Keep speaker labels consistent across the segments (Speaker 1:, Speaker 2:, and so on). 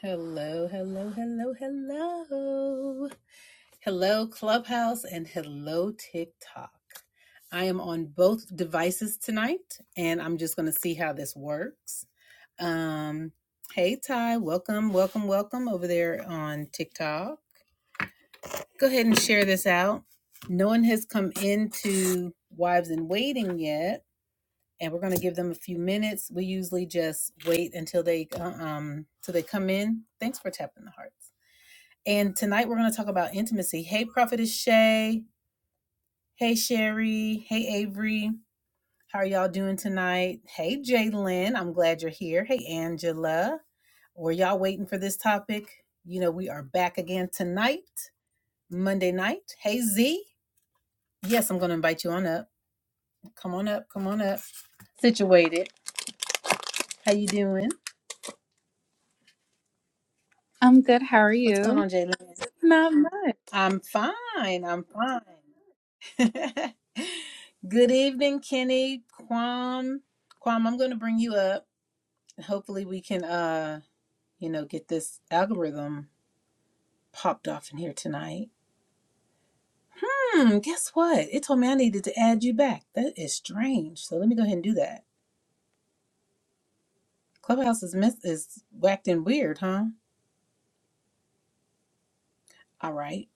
Speaker 1: Hello, hello, hello, hello. Hello, Clubhouse, and hello, TikTok. I am on both devices tonight, and I'm just going to see how this works. Um, hey, Ty, welcome, welcome, welcome over there on TikTok. Go ahead and share this out. No one has come into Wives in Waiting yet, and we're going to give them a few minutes. We usually just wait until they uh, um till they come in. Thanks for tapping the hearts. And tonight we're going to talk about intimacy. Hey, Prophetess Shay. Hey, Sherry. Hey, Avery. How are y'all doing tonight? Hey, Jalen. I'm glad you're here. Hey, Angela. Were y'all waiting for this topic? You know, we are back again tonight, Monday night. Hey, Z. Yes, I'm going to invite you on up. Come on up. Come on up. Situated. How you doing?
Speaker 2: I'm good. How are
Speaker 1: What's going
Speaker 2: you?
Speaker 1: on, Jalen?
Speaker 2: Not much.
Speaker 1: I'm fine. I'm fine. Good evening, Kenny. Quam. Quam, I'm going to bring you up. Hopefully, we can, uh, you know, get this algorithm popped off in here tonight. Hmm, guess what? It told me I needed to add you back. That is strange. So let me go ahead and do that. Clubhouse is miss is whacked and weird, huh? All right.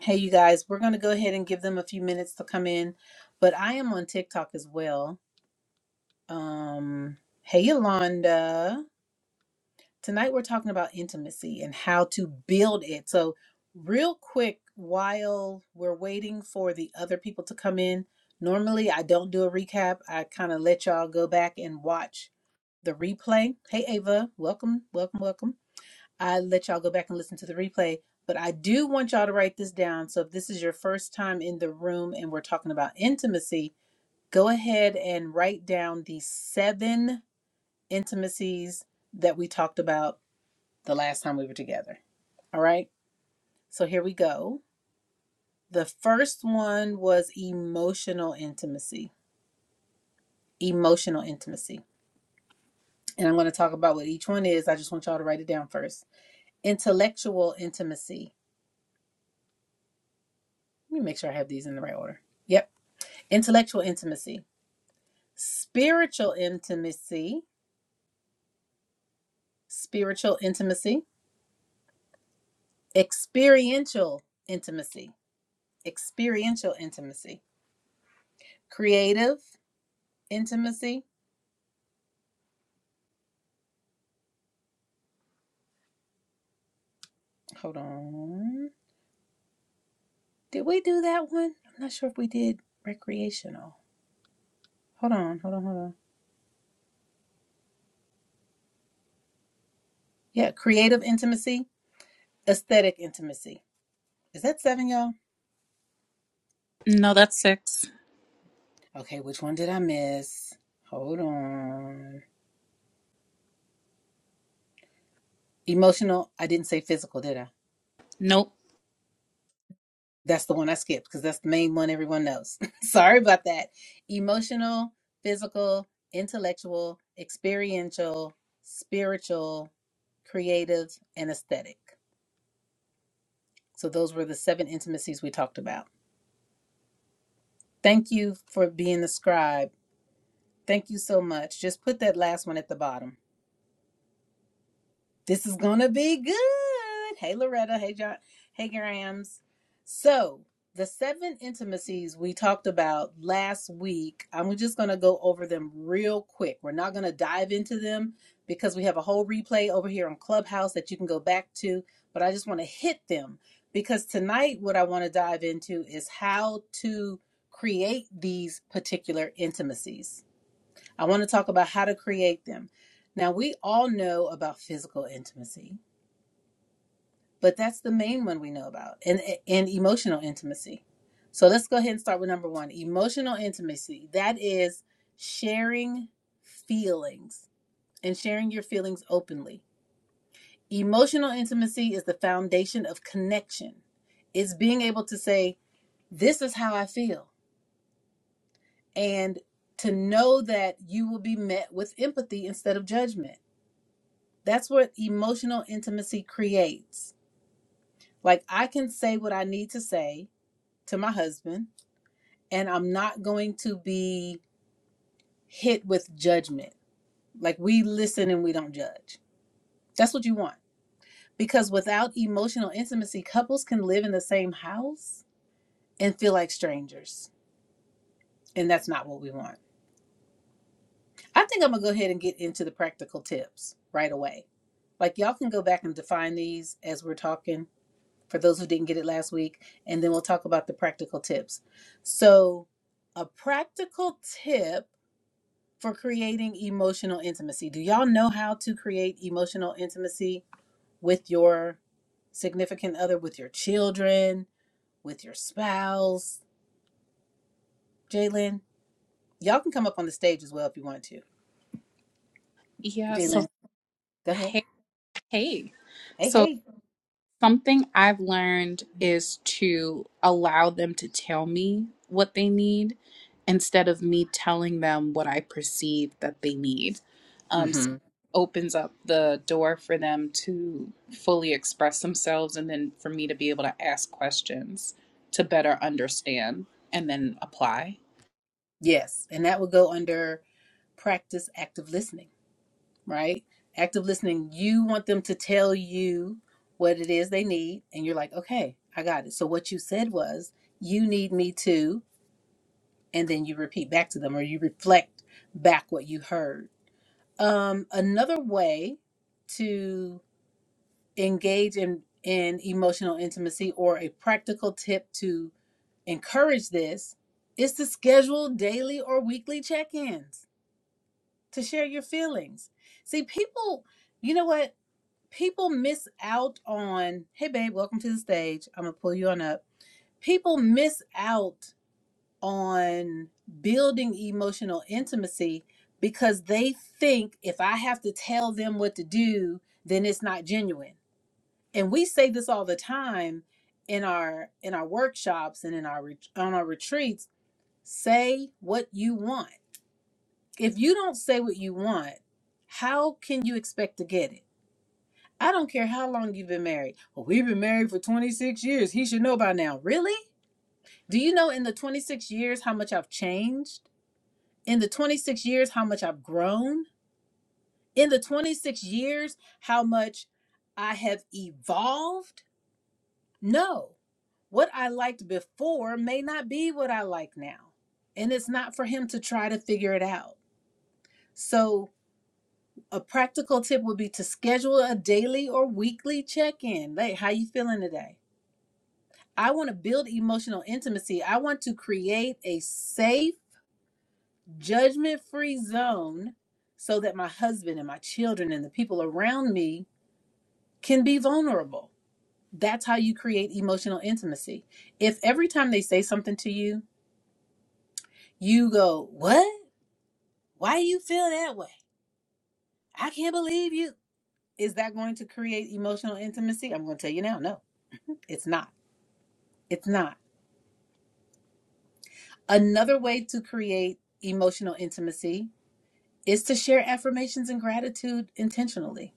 Speaker 1: Hey, you guys, we're going to go ahead and give them a few minutes to come in. But I am on TikTok as well. Um, hey, Yolanda. Tonight we're talking about intimacy and how to build it. So, real quick, while we're waiting for the other people to come in, normally I don't do a recap. I kind of let y'all go back and watch the replay. Hey, Ava, welcome, welcome, welcome. I let y'all go back and listen to the replay, but I do want y'all to write this down. So, if this is your first time in the room and we're talking about intimacy, go ahead and write down the seven intimacies that we talked about the last time we were together. All right. So here we go. The first one was emotional intimacy. Emotional intimacy. And I'm going to talk about what each one is. I just want y'all to write it down first. Intellectual intimacy. Let me make sure I have these in the right order. Yep. Intellectual intimacy. Spiritual intimacy. Spiritual intimacy. Experiential intimacy. Experiential intimacy. Creative intimacy. Hold on. Did we do that one? I'm not sure if we did recreational. Hold on, hold on, hold on. Yeah, creative intimacy, aesthetic intimacy. Is that seven, y'all?
Speaker 2: No, that's six.
Speaker 1: Okay, which one did I miss? Hold on. Emotional, I didn't say physical, did I?
Speaker 2: Nope.
Speaker 1: That's the one I skipped because that's the main one everyone knows. Sorry about that. Emotional, physical, intellectual, experiential, spiritual, creative, and aesthetic. So those were the seven intimacies we talked about. Thank you for being the scribe. Thank you so much. Just put that last one at the bottom. This is gonna be good. Hey Loretta. Hey John. Hey Grams. So the seven intimacies we talked about last week, I'm just gonna go over them real quick. We're not gonna dive into them because we have a whole replay over here on Clubhouse that you can go back to. But I just want to hit them because tonight what I want to dive into is how to create these particular intimacies. I want to talk about how to create them. Now, we all know about physical intimacy, but that's the main one we know about, and, and emotional intimacy. So let's go ahead and start with number one emotional intimacy. That is sharing feelings and sharing your feelings openly. Emotional intimacy is the foundation of connection, it's being able to say, This is how I feel, and to know that you will be met with empathy instead of judgment That's what emotional intimacy creates. Like, I can say what I need to say to my husband, and I'm not going to be hit with judgment. Like, we listen and we don't judge. That's what you want. Because without emotional intimacy, couples can live in the same house and feel like strangers. And that's not what we want. I think I'm going to go ahead and get into the practical tips right away. Like, y'all can go back and define these as we're talking for those who didn't get it last week, and then we'll talk about the practical tips. So, a practical tip for creating emotional intimacy. Do y'all know how to create emotional intimacy with your significant other, with your children, with your spouse? Jalen, y'all can come up on the stage as well if you want to.
Speaker 2: Yeah. So,
Speaker 1: Jalen, go ahead.
Speaker 2: hey, hey.
Speaker 1: Hey,
Speaker 2: So,
Speaker 1: hey.
Speaker 2: something I've learned is to allow them to tell me what they need instead of me telling them what I perceive that they need. Um, so,
Speaker 1: hmm
Speaker 2: it opens up the door for them to fully express themselves and then for me to be able to ask questions to better understand and then apply.
Speaker 1: Yes, and that would go under practice active listening right? Active listening, you want them to tell you what it is they need, and you're like, okay, I got it. So what you said was, you need me to, and then you repeat back to them or you reflect back what you heard. Um, another way to engage in, in emotional intimacy or a practical tip to encourage this is to schedule daily or weekly check ins to share your feelings. See, people, you know what? people miss out on hey babe welcome to the stage i'm gonna pull you on up people miss out on building emotional intimacy because they think if i have to tell them what to do then it's not genuine and we say this all the time in our in our workshops and in our ret- on our retreats say what you want if you don't say what you want how can you expect to get it I don't care how long you've been married. Well, we've been married for 26 years. He should know by now. Really? Do you know in the 26 years how much I've changed? In the 26 years how much I've grown? In the 26 years how much I have evolved? No. What I liked before may not be what I like now. And it's not for him to try to figure it out. So, a practical tip would be to schedule a daily or weekly check-in. Like, how you feeling today? I want to build emotional intimacy. I want to create a safe, judgment free zone so that my husband and my children and the people around me can be vulnerable. That's how you create emotional intimacy. If every time they say something to you, you go, What? Why do you feel that way? I can't believe you. Is that going to create emotional intimacy? I'm going to tell you now. No, it's not. It's not. Another way to create emotional intimacy is to share affirmations and gratitude intentionally.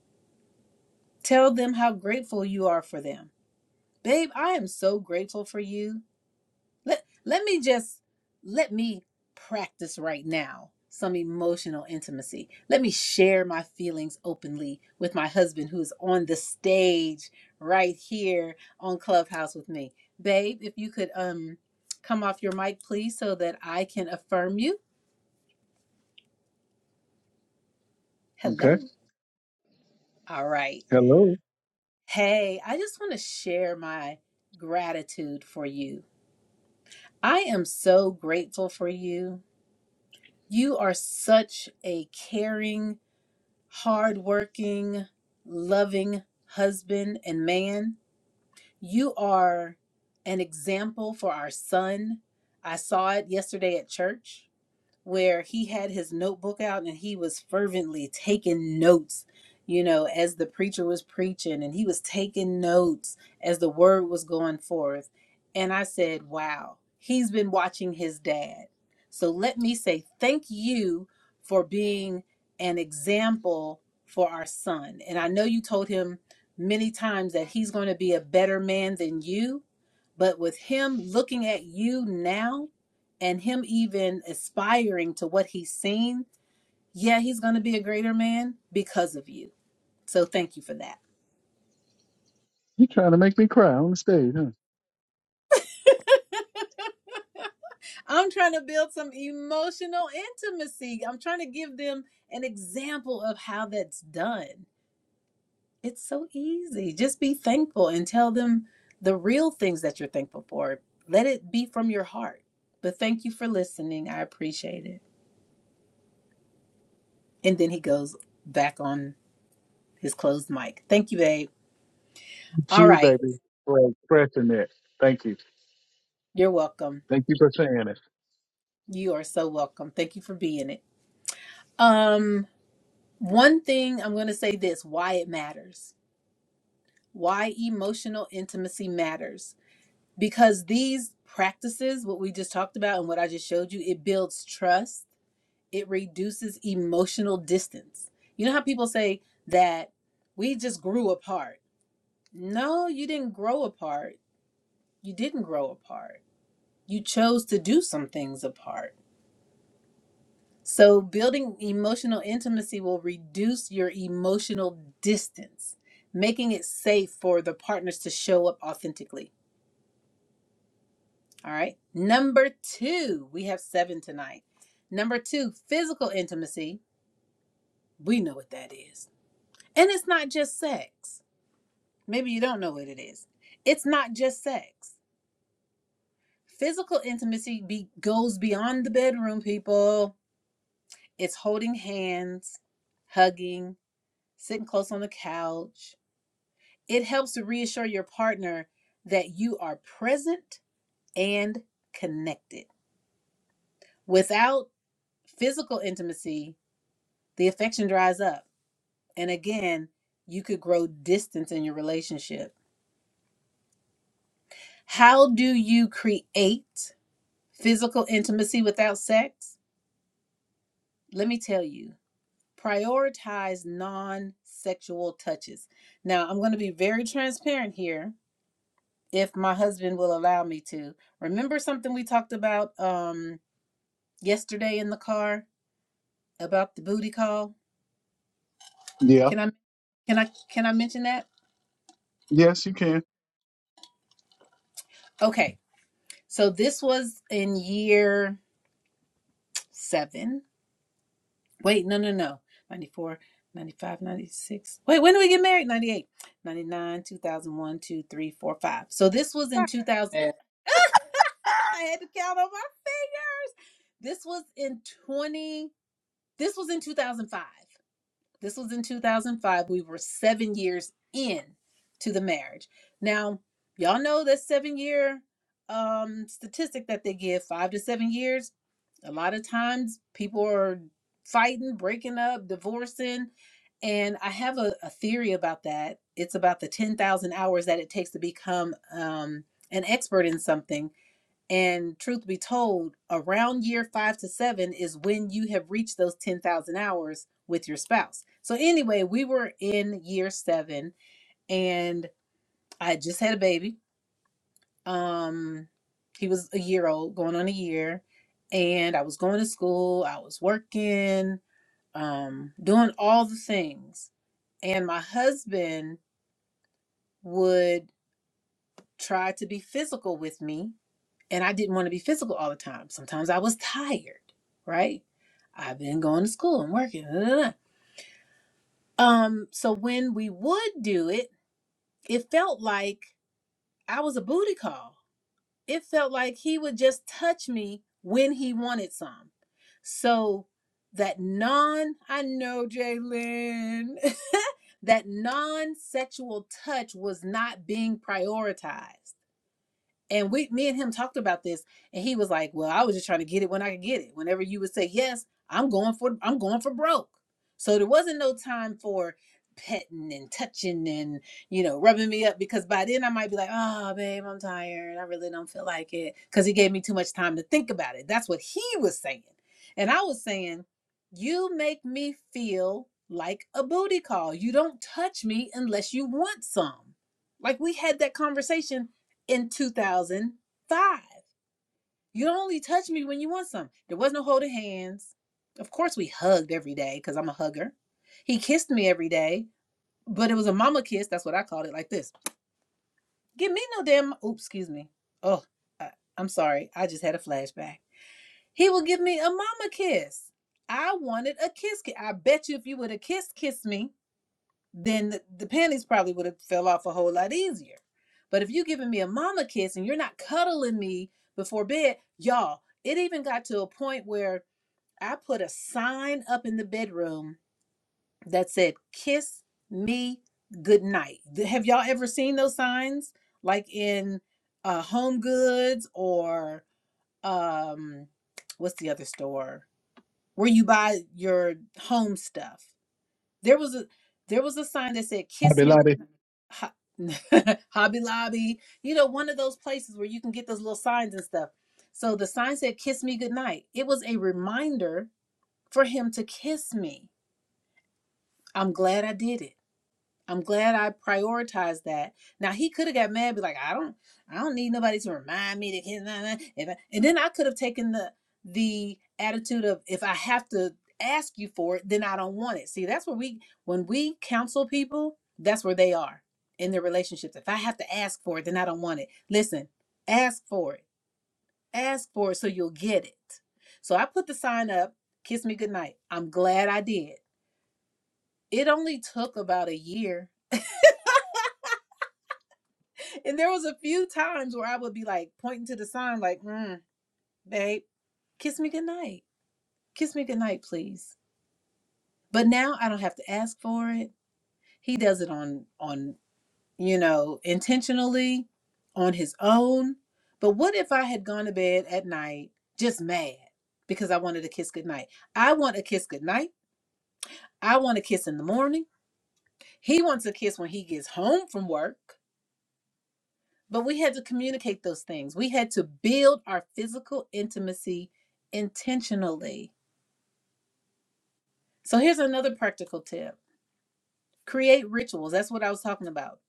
Speaker 1: Tell them how grateful you are for them. Babe, I am so grateful for you. Let let me just let me practice right now some emotional intimacy. Let me share my feelings openly with my husband who is on the stage right here on Clubhouse with me. Babe, if you could um come off your mic please so that I can affirm you.
Speaker 3: Okay.
Speaker 1: Hello. All right.
Speaker 3: Hello.
Speaker 1: Hey, I just want to share my gratitude for you. I am so grateful for you. You are such a caring, hardworking, loving husband and man. You are an example for our son. I saw it yesterday at church. where he had his notebook out and he was fervently taking notes, you know, as the preacher was preaching and he was taking notes as the word was going forth. And I said, wow, he's been watching his dad. So let me say thank you for being an example for our son. And I know you told him many times that he's going to be a better man than you, but with him looking at you now, and him even aspiring to what he's seen, yeah, he's going to be a greater man because of you. So thank you for that.
Speaker 3: You trying to make me cry on the stage, huh?
Speaker 1: I'm trying to build some emotional intimacy. I'm trying to give them an example of how that's done. It's so easy. Just be thankful and tell them the real things that you're thankful for. Let it be from your heart. But thank you for listening. I appreciate it. And then he goes back on his closed mic. Thank you, babe.
Speaker 3: Thank
Speaker 1: All
Speaker 3: you,
Speaker 1: right.
Speaker 3: baby, for expressing that. Thank you.
Speaker 1: You're welcome.
Speaker 3: Thank you for saying it.
Speaker 1: You are so welcome. Thank you for being it. Um, one thing I'm going to say this why it matters, why emotional intimacy matters. Because these practices, what we just talked about and what I just showed you, it builds trust, it reduces emotional distance. You know how people say that we just grew apart? No, you didn't grow apart. You didn't grow apart. You chose to do some things apart So, building emotional intimacy will reduce your emotional distance, making it safe for the partners to show up authentically. All right. Number two, we have seven tonight. Number two, physical intimacy. We know what that is. And it's not just sex. Maybe you don't know what it is. It's not just sex. Physical intimacy be- goes beyond the bedroom, people. It's holding hands, hugging, sitting close on the couch, It helps to reassure your partner that you are present and connected. Without physical intimacy, the affection dries up. And again, you could grow distance in your relationship. How do you create physical intimacy without sex? Let me tell you prioritize non sexual touches. Now, I'm going to be very transparent here if my husband will allow me to. Remember something we talked about? Um, yesterday in the car about the booty call.
Speaker 3: Yeah.
Speaker 1: Can I can I can I mention that?
Speaker 3: Yes, you can.
Speaker 1: Okay. So this was in year 7. Wait, no no no. 94 95 96. Wait, when did we get married? 98 99 2001 2 3 4 5. So this was in 2000 I had to count on my finger. This was in 20 This was in 2005. This was in 2005. We were seven years in to the marriage. Now, y'all know that seven year um, statistic that they give five to seven years. A lot of times people are fighting, breaking up, divorcing. And I have a, a theory about that. It's about the 10,000 hours that it takes to become um, an expert in something and truth be told, around year five to seven is when you have reached those 10,000 hours with your spouse. So, anyway, we were in year seven and I had just had a baby. Um, he was a year old, going on a year. And I was going to school, I was working, um, doing all the things. And my husband would try to be physical with me and I didn't want to be physical all the time. Sometimes I was tired, right? I've been going to school and working. da, da, da. Um, so when we would do it, it felt like I was a booty call. It felt like he would just touch me when he wanted some. So that non, I know Jalen, that non sexual touch was not being prioritized. And we, me and him talked about this, and he was like, "Well, I was just trying to get it when I could get it. Whenever you would say yes, I'm going for, I'm going for broke." So there wasn't no time for petting and touching and you know rubbing me up because by then I might be like, "Oh, babe, I'm tired. I really don't feel like it," because he gave me too much time to think about it. That's what he was saying, and I was saying, "You make me feel like a booty call. You don't touch me unless you want some." Like we had that conversation in 2005. You don't only touch me when you want some. There was no holding hands. Of course, we hugged every day because I'm a hugger. He kissed me every day, but it was a mama kiss. That's what I called it, like this. Give me no damn. Oops, excuse me. Oh, I, I'm sorry. I just had a flashback. He would give me a mama kiss. I wanted a kiss. I bet you if you would have kissed, kissed me. then the, the panties probably would have fell off a whole lot easier. But if you are giving me a mama kiss and you're not cuddling me before bed, y'all, it even got to a point where I put a sign up in the bedroom that said, kiss me goodnight. Th- Have y'all ever seen those signs? Like in uh, Home Goods or um, what's the other store where you buy your home stuff? There was a there was a sign that said "Kiss
Speaker 3: Lottie,
Speaker 1: me,"
Speaker 3: lottie.
Speaker 1: Ho- Hobby Lobby. You know, one of those places where you can get those little signs and stuff. So the sign said "Kiss me goodnight." It was a reminder for him to kiss me. I'm glad I did it. I'm glad I prioritized that. Now he could have got mad, and be like, I don't, I don't need nobody to remind me to. Nah, nah. and then I could have taken the the attitude of if I have to ask you for it, then I don't want it. See, that's where we when we counsel people, that's where they are in their relationships. If I have to ask for it, then I don't want it. Listen, ask for it, ask for it, so you'll get it. So I put the sign up, kiss me goodnight. I'm glad I did. It only took about a year And there was a few times where I would be like pointing to the sign, like, mm, babe, kiss me goodnight. Kiss me goodnight, please. But now I don't have to ask for it. He does it on on, you know, intentionally, on his own. But what if I had gone to bed at night just mad because I wanted a kiss goodnight? I want a kiss goodnight. I want a kiss in the morning. He wants a kiss when he gets home from work. But we had to communicate those things. We had to build our physical intimacy intentionally. So here's another practical tip create rituals. That's what I was talking about.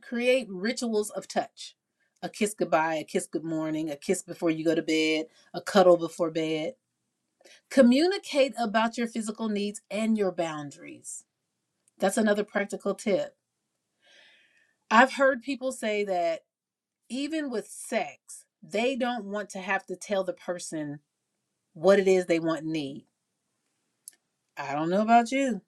Speaker 1: Create rituals of touch a kiss goodbye, a kiss good morning, a kiss before you go to bed, a cuddle before bed. Communicate about your physical needs and your boundaries. That's another practical tip. I've heard people say that even with sex, they don't want to have to tell the person what it is they want and need. I don't know about you,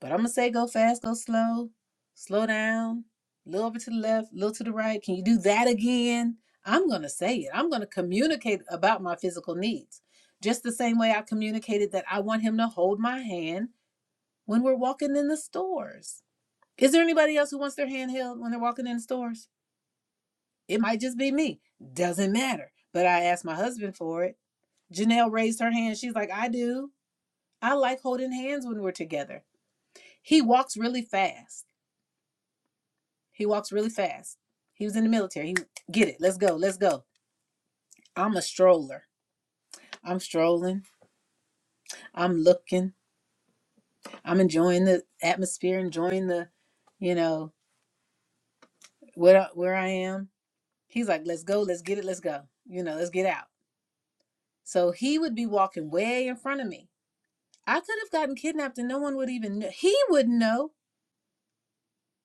Speaker 1: but I'm gonna say go fast, go slow, slow down, a little bit to the left, a little to the right. Can you do that again? I'm gonna say it. I'm gonna communicate about my physical needs. Just the same way I communicated that I want him to hold my hand when we're walking in the stores. Is there anybody else who wants their hand held when they're walking in the stores? It might just be me. Doesn't matter. But I asked my husband for it. Janelle raised her hand. She's like, I do. I like holding hands when we're together. He walks really fast. He walks really fast. He was in the military. He get it. Let's go. Let's go. I'm a stroller. I'm strolling. I'm looking. I'm enjoying the atmosphere, enjoying the, you know, where where I am. He's like, "Let's go. Let's get it. Let's go. You know, let's get out." So he would be walking way in front of me. I could have gotten kidnapped and no one would even know. He wouldn't know.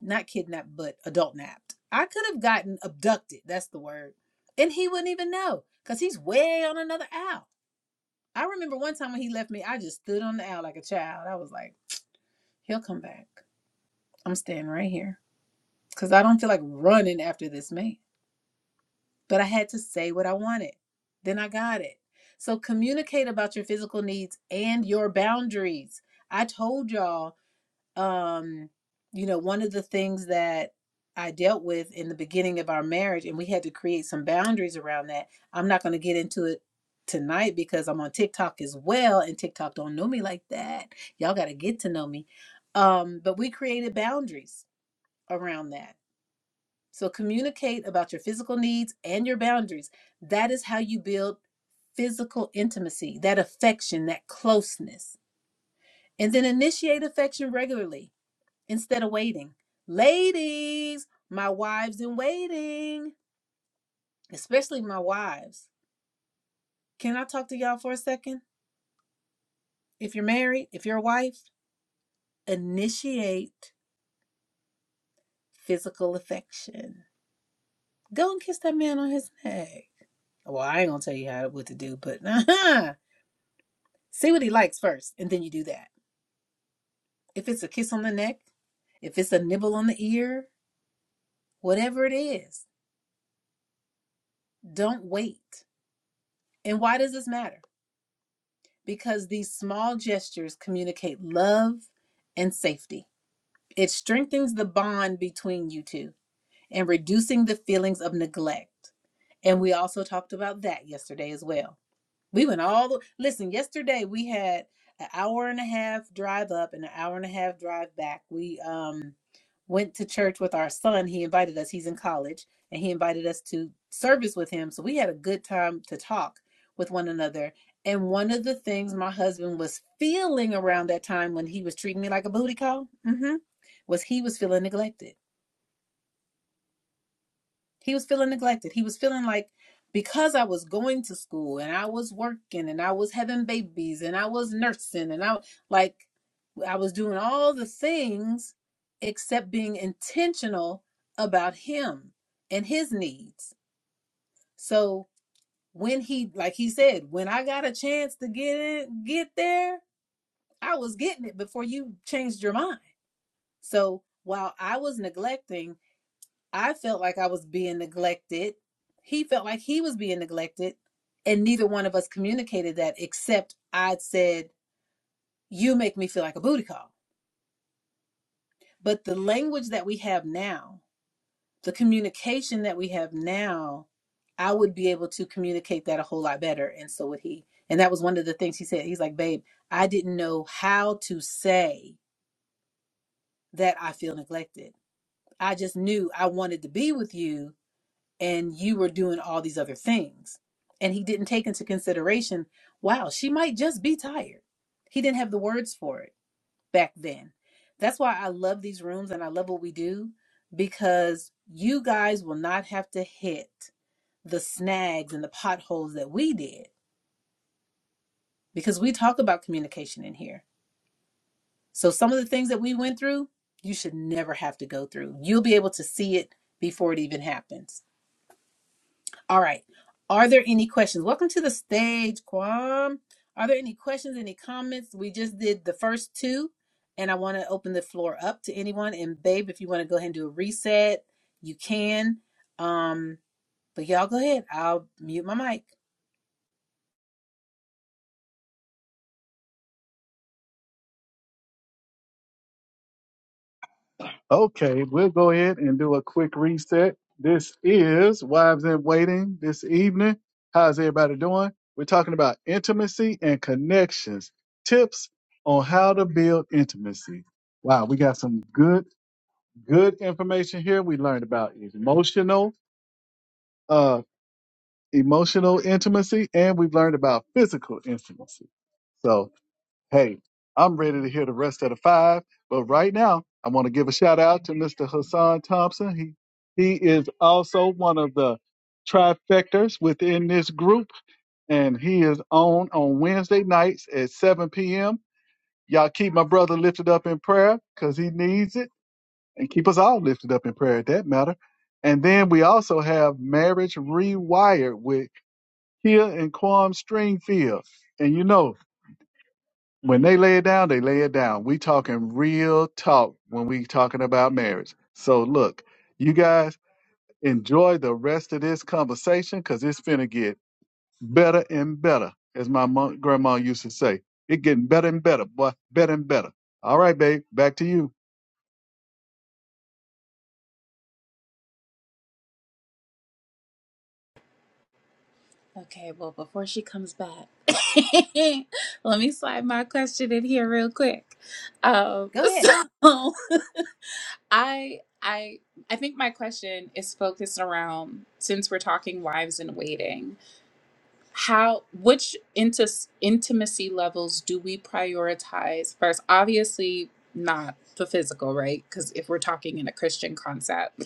Speaker 1: not kidnapped, but adult napped. I could have gotten abducted. That's the word. And he wouldn't even know because he's way on another owl. I remember one time when he left me, I just stood on the owl like a child. I was like, he'll come back. I'm standing right here because I don't feel like running after this man. But I had to say what I wanted. Then I got it. So communicate about your physical needs and your boundaries. I told y'all um, you know, one of the things that I dealt with in the beginning of our marriage, and we had to create some boundaries around that. I'm not going to get into it tonight because I'm on TikTok as well, and TikTok don't know me like that. Y'all got to get to know me. Um, but we created boundaries around that. So communicate about your physical needs and your boundaries. That is how you build physical intimacy, that affection, that closeness. And then initiate affection regularly instead of waiting. Ladies, my wives in waiting, especially my wives. Can I talk to y'all for a second? If you're married, if you're a wife, initiate physical affection. Go and kiss that man on his neck. Well, I ain't gonna tell you how what to do, but see what he likes first, and then you do that. If it's a kiss on the neck, if it's a nibble on the ear, whatever it is, don't wait. And why does this matter? because these small gestures communicate love and safety. It strengthens the bond between you two and reducing the feelings of neglect. And we also talked about that yesterday as well. We went all the listen, yesterday we had an hour and a half drive up and an hour and a half drive back. We um went to church with our son. He invited us, he's in college, and he invited us to service with him. So we had a good time to talk with one another. And one of the things my husband was feeling around that time when he was treating me like a booty call, mhm, was he was feeling neglected he was feeling neglected. He was feeling like because I was going to school and I was working and I was having babies and I was nursing and I like I was doing all the things except being intentional about him and his needs. So when he like he said, when I got a chance to get it, get there, I was getting it before you changed your mind. So while I was neglecting I felt like I was being neglected. He felt like he was being neglected. And neither one of us communicated that, except I said, You make me feel like a booty call. But the language that we have now, the communication that we have now, I would be able to communicate that a whole lot better. And so would he. And that was one of the things he said. He's like, Babe, I didn't know how to say that I feel neglected. I just knew I wanted to be with you and you were doing all these other things. And he didn't take into consideration, wow, she might just be tired. He didn't have the words for it back then. That's why I love these rooms and I love what we do because you guys will not have to hit the snags and the potholes that we did because we talk about communication in here. So some of the things that we went through, you should never have to go through. You'll be able to see it before it even happens. All right. Are there any questions? Welcome to the stage, Kwam. Are there any questions, any comments? We just did the first two, and I want to open the floor up to anyone. And babe, if you want to go ahead and do a reset, you can. Um, but y'all go ahead. I'll mute my mic.
Speaker 3: Okay, we'll go ahead and do a quick reset. This is Wives in Waiting this evening. How's everybody doing? We're talking about intimacy and connections. Tips on how to build intimacy. Wow, we got some good, good information here. We learned about emotional. uh, emotional intimacy and we've learned about physical intimacy. So, hey, I'm ready to hear the rest of the five, but right now I want to give a shout out to Mr. Hassan Thompson. He he is also one of the trifectors within this group and he is on on Wednesday nights at 7 p.m. Y'all keep my brother lifted up in prayer cuz he needs it and keep us all lifted up in prayer at that matter. And then we also have Marriage Rewired with Hill and Quam Stringfield. And you know, when they lay it down, they lay it down. We talking real talk when we talking about marriage. So look, you guys enjoy the rest of this conversation because it's finna get better and better, as my mom, grandma used to say. It getting better and better, boy, better and better. All right, babe, back to you.
Speaker 2: Okay, well, before she comes back, let me slide my question in here real quick. Um,
Speaker 1: Go ahead.
Speaker 2: so I, I, I think my question is focused around since we're talking wives in waiting how which inti- intimacy levels do we prioritize first obviously not the physical right because if we're talking in a christian concept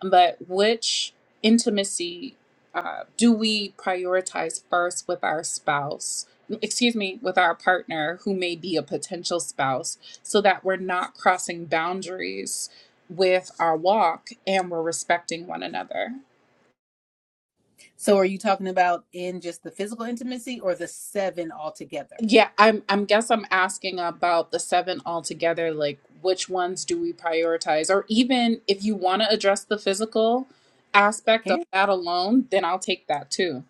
Speaker 2: but which intimacy uh, do we prioritize first with our spouse excuse me with our partner who may be a potential spouse so that we're not crossing boundaries with our walk and we're respecting one another
Speaker 1: So are you talking about in just the physical intimacy or the seven altogether?
Speaker 2: Yeah, I'm I'm guess I'm asking about the seven altogether, like which ones do we prioritize? Or even if you want to address the physical
Speaker 1: I
Speaker 2: aspect
Speaker 1: can't.
Speaker 2: of that alone, then I'll take that too.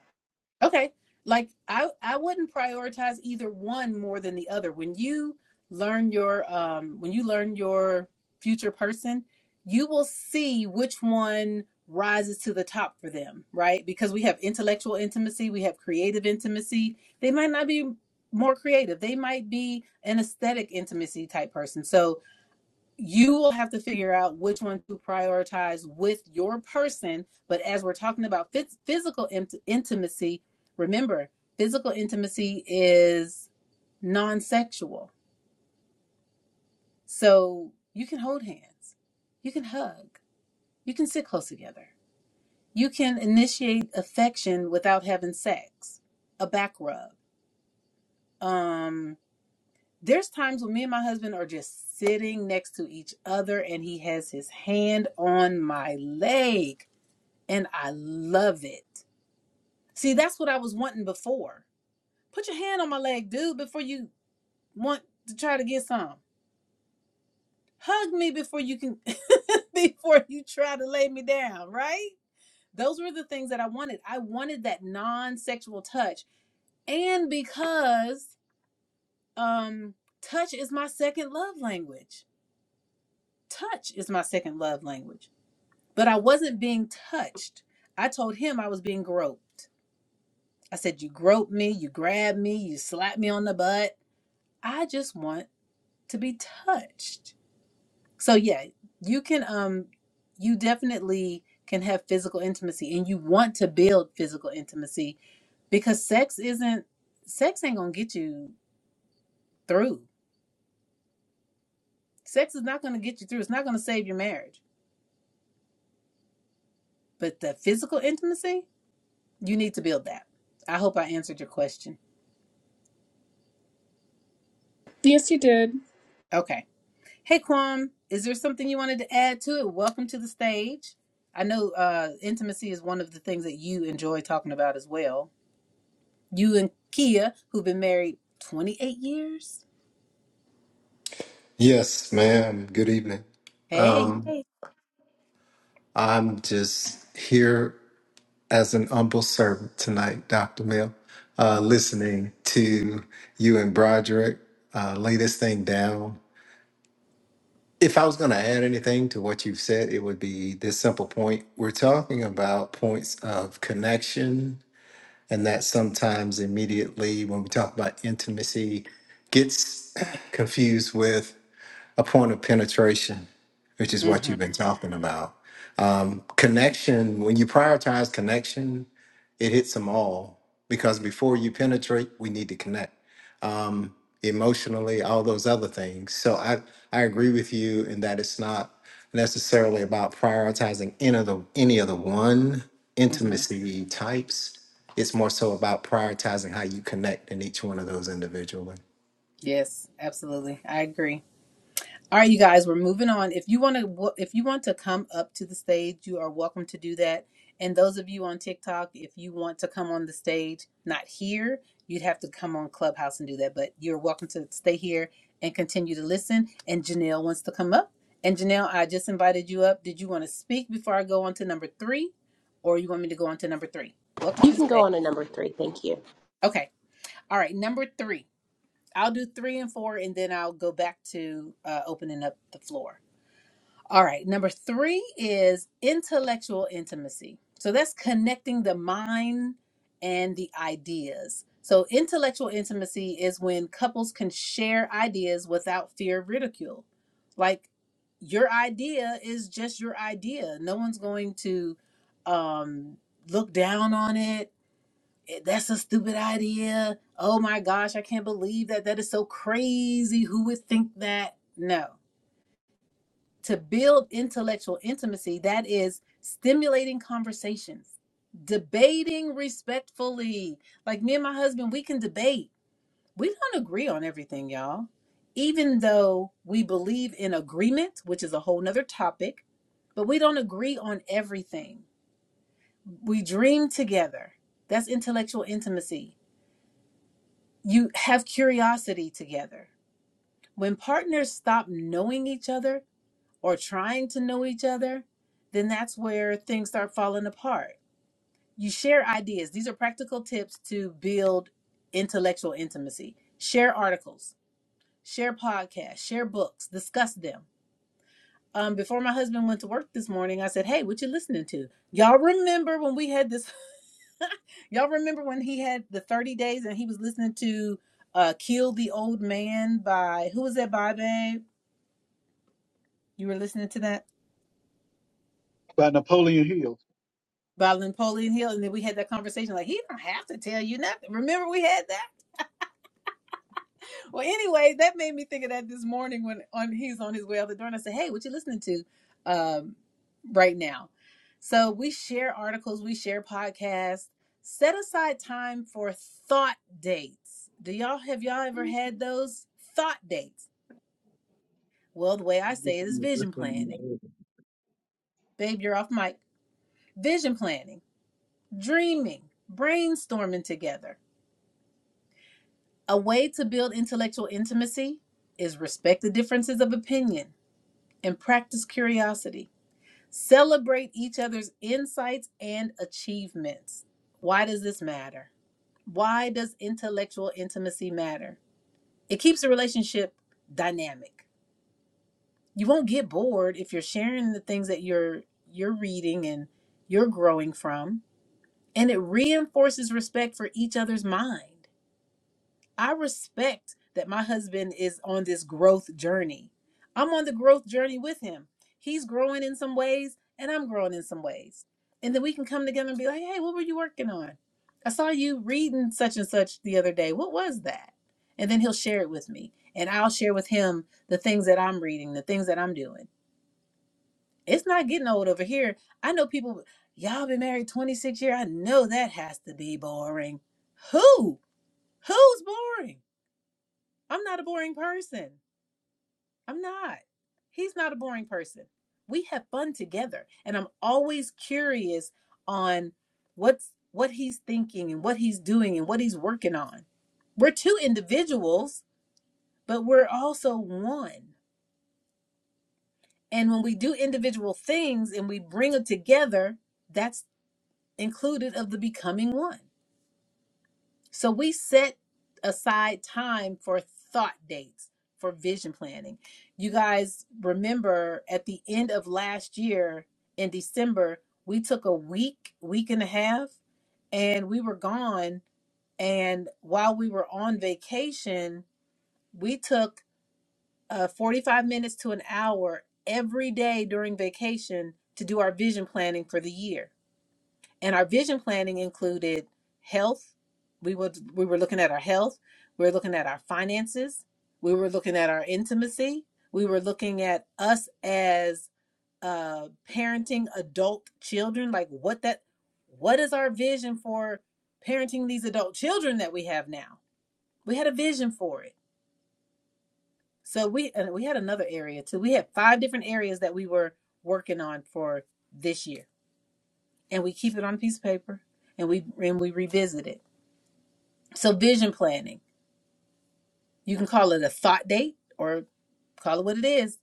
Speaker 1: Okay. Like I I wouldn't prioritize either one more than the other. When you learn your um when you learn your future person, you will see which one rises to the top for them, right? Because we have intellectual intimacy, we have creative intimacy. They might not be more creative. They might be an aesthetic intimacy type person. So you will have to figure out which one to prioritize with your person. But as we're talking about physical int- intimacy, remember, physical intimacy is non sexual. So you can hold hands, you can hug, you can sit close together, you can initiate affection without having sex, a back rub. Um, there's times when me and my husband are just sitting next to each other and he has his hand on my leg and I love it. See, that's what I was wanting before. Put your hand on my leg, dude, before you want to try to get some. Hug me before you can before you try to lay me down, right? Those were the things that I wanted. I wanted that non-sexual touch. And because um touch is my second love language. Touch is my second love language. But I wasn't being touched. I told him I was being groped. I said, You groped me, you grabbed me, you slapped me on the butt. I just want to be touched. So yeah, you can um you definitely can have physical intimacy and you want to build physical intimacy because sex isn't sex ain't gonna get you through. Sex is not gonna get you through. It's not gonna save your marriage. But the physical intimacy, you need to build that. I hope I answered your question.
Speaker 2: Yes, you did.
Speaker 1: Okay. Hey Kwam, is there something you wanted to add to it? Welcome to the stage. I know uh, intimacy is one of the things that you enjoy talking about as well. You and Kia, who've been married 28 years.
Speaker 4: Yes, ma'am. Good evening.
Speaker 1: Hey.
Speaker 4: Um, I'm just here as an humble servant tonight, Dr. Mill, uh, listening to you and Broderick uh, lay this thing down. If I was going to add anything to what you've said, it would be this simple point. We're talking about points of connection, and that sometimes immediately when we talk about intimacy gets confused with a point of penetration, which is what
Speaker 1: Mm-hmm,
Speaker 4: you've been talking about. Um, connection, when you prioritize connection, it hits them all because before you penetrate, we need to connect um, emotionally, all those other things. So I, I agree with you in that it's not necessarily about prioritizing any of the, any of the one
Speaker 1: mm-hmm.
Speaker 4: intimacy types. It's more so about prioritizing how you connect in each one of those individually.
Speaker 1: Yes, absolutely. I agree. All right, you guys, we're moving on. If you want to, if you want to come up to the stage, you are welcome to do that. And those of you on TikTok, if you want to come on the stage, not here, you'd have to come on Clubhouse and do that. But you're welcome to stay here and continue to listen. And Janelle wants to come up. And Janelle, I just invited you up. Did you want to speak before I go on to number three, or you want me to go on to number three? Welcome
Speaker 5: You
Speaker 1: to the
Speaker 5: can go
Speaker 1: stage.
Speaker 5: on to number three. Thank you.
Speaker 1: Okay. All right, number three. I'll do three and four, and then I'll go back to uh, opening up the floor. All right, number three is intellectual intimacy. So that's connecting the mind and the ideas. So intellectual intimacy is when couples can share ideas without fear of ridicule. Like your idea is just your idea. No one's going to um, look down on it. "Eh, That's a stupid idea. Oh my gosh, I can't believe that. That is so crazy. Who would think that? No to build intellectual intimacy, that is stimulating conversations, debating respectfully. Like me and my husband, we can debate. We don't agree on everything, y'all. Even though we believe in agreement, which is a whole nother topic, but we don't agree on everything. We dream together. That's intellectual intimacy. You have curiosity together. When partners stop knowing each other, or trying to know each other, then that's where things start falling apart. You share ideas. These are practical tips to build intellectual intimacy. Share articles, share podcasts, share books, discuss them. Um, before my husband went to work this morning, I said, Hey, what you listening to? Y'all remember when we had this? y'all remember when he had the 30 days and he was listening to uh, Kill the Old Man by, who was that by, babe? You were listening to that?
Speaker 3: By Napoleon Hill.
Speaker 1: by Napoleon Hill, and then we had that conversation. Like he don't have to tell you nothing. Remember we had that. Well, anyway, that made me think of that this morning when on he's on his way out the door, and I said, "Hey, what you listening to um, right now?" So we share articles, we share podcasts. Set aside time for thought dates. Do y'all have y'all ever had those thought dates? Well, the way I say it is vision planning. Babe, you're off mic. Vision planning, dreaming, brainstorming together A way to build intellectual intimacy is respect the differences of opinion and practice curiosity. Celebrate each other's insights and achievements. Why does this matter? Why does intellectual intimacy matter? It keeps the relationship dynamic. You won't get bored if you're sharing the things that you're you're reading and you're growing from, and it reinforces respect for each other's mind. I respect that my husband is on this growth journey. I'm on the growth journey with him. He's growing in some ways, and I'm growing in some ways. And then we can come together and be like, hey, what were you working on? I saw you reading such and such the other day. What was that? And then he'll share it with me. And I'll share with him the things that I'm reading, the things that I'm doing. It's not getting old over here. I know people, y'all been married 26 years. I know that has to be boring. Who? Who's boring? I'm not a boring person. I'm not. He's not a boring person. We have fun together and I'm always curious on what's what he's thinking and what he's doing and what he's working on. We're two individuals, but we're also one. And when we do individual things and we bring them together, that's included of the becoming one. So we set aside time for thought dates for vision planning. You guys remember at the end of last year in December, we took a week, week and a half, and we were gone. And while we were on vacation, we took uh, 45 minutes to an hour every day during vacation to do our vision planning for the year and our vision planning included health we would we were looking at our health we were looking at our finances we were looking at our intimacy we were looking at us as uh parenting adult children like what that what is our vision for parenting these adult children that we have now we had a vision for it so we and we had another area too we had five different areas that we were working on for this year and we keep it on a piece of paper and we and we revisit it So, vision planning, you can call it a thought date or call it what it is.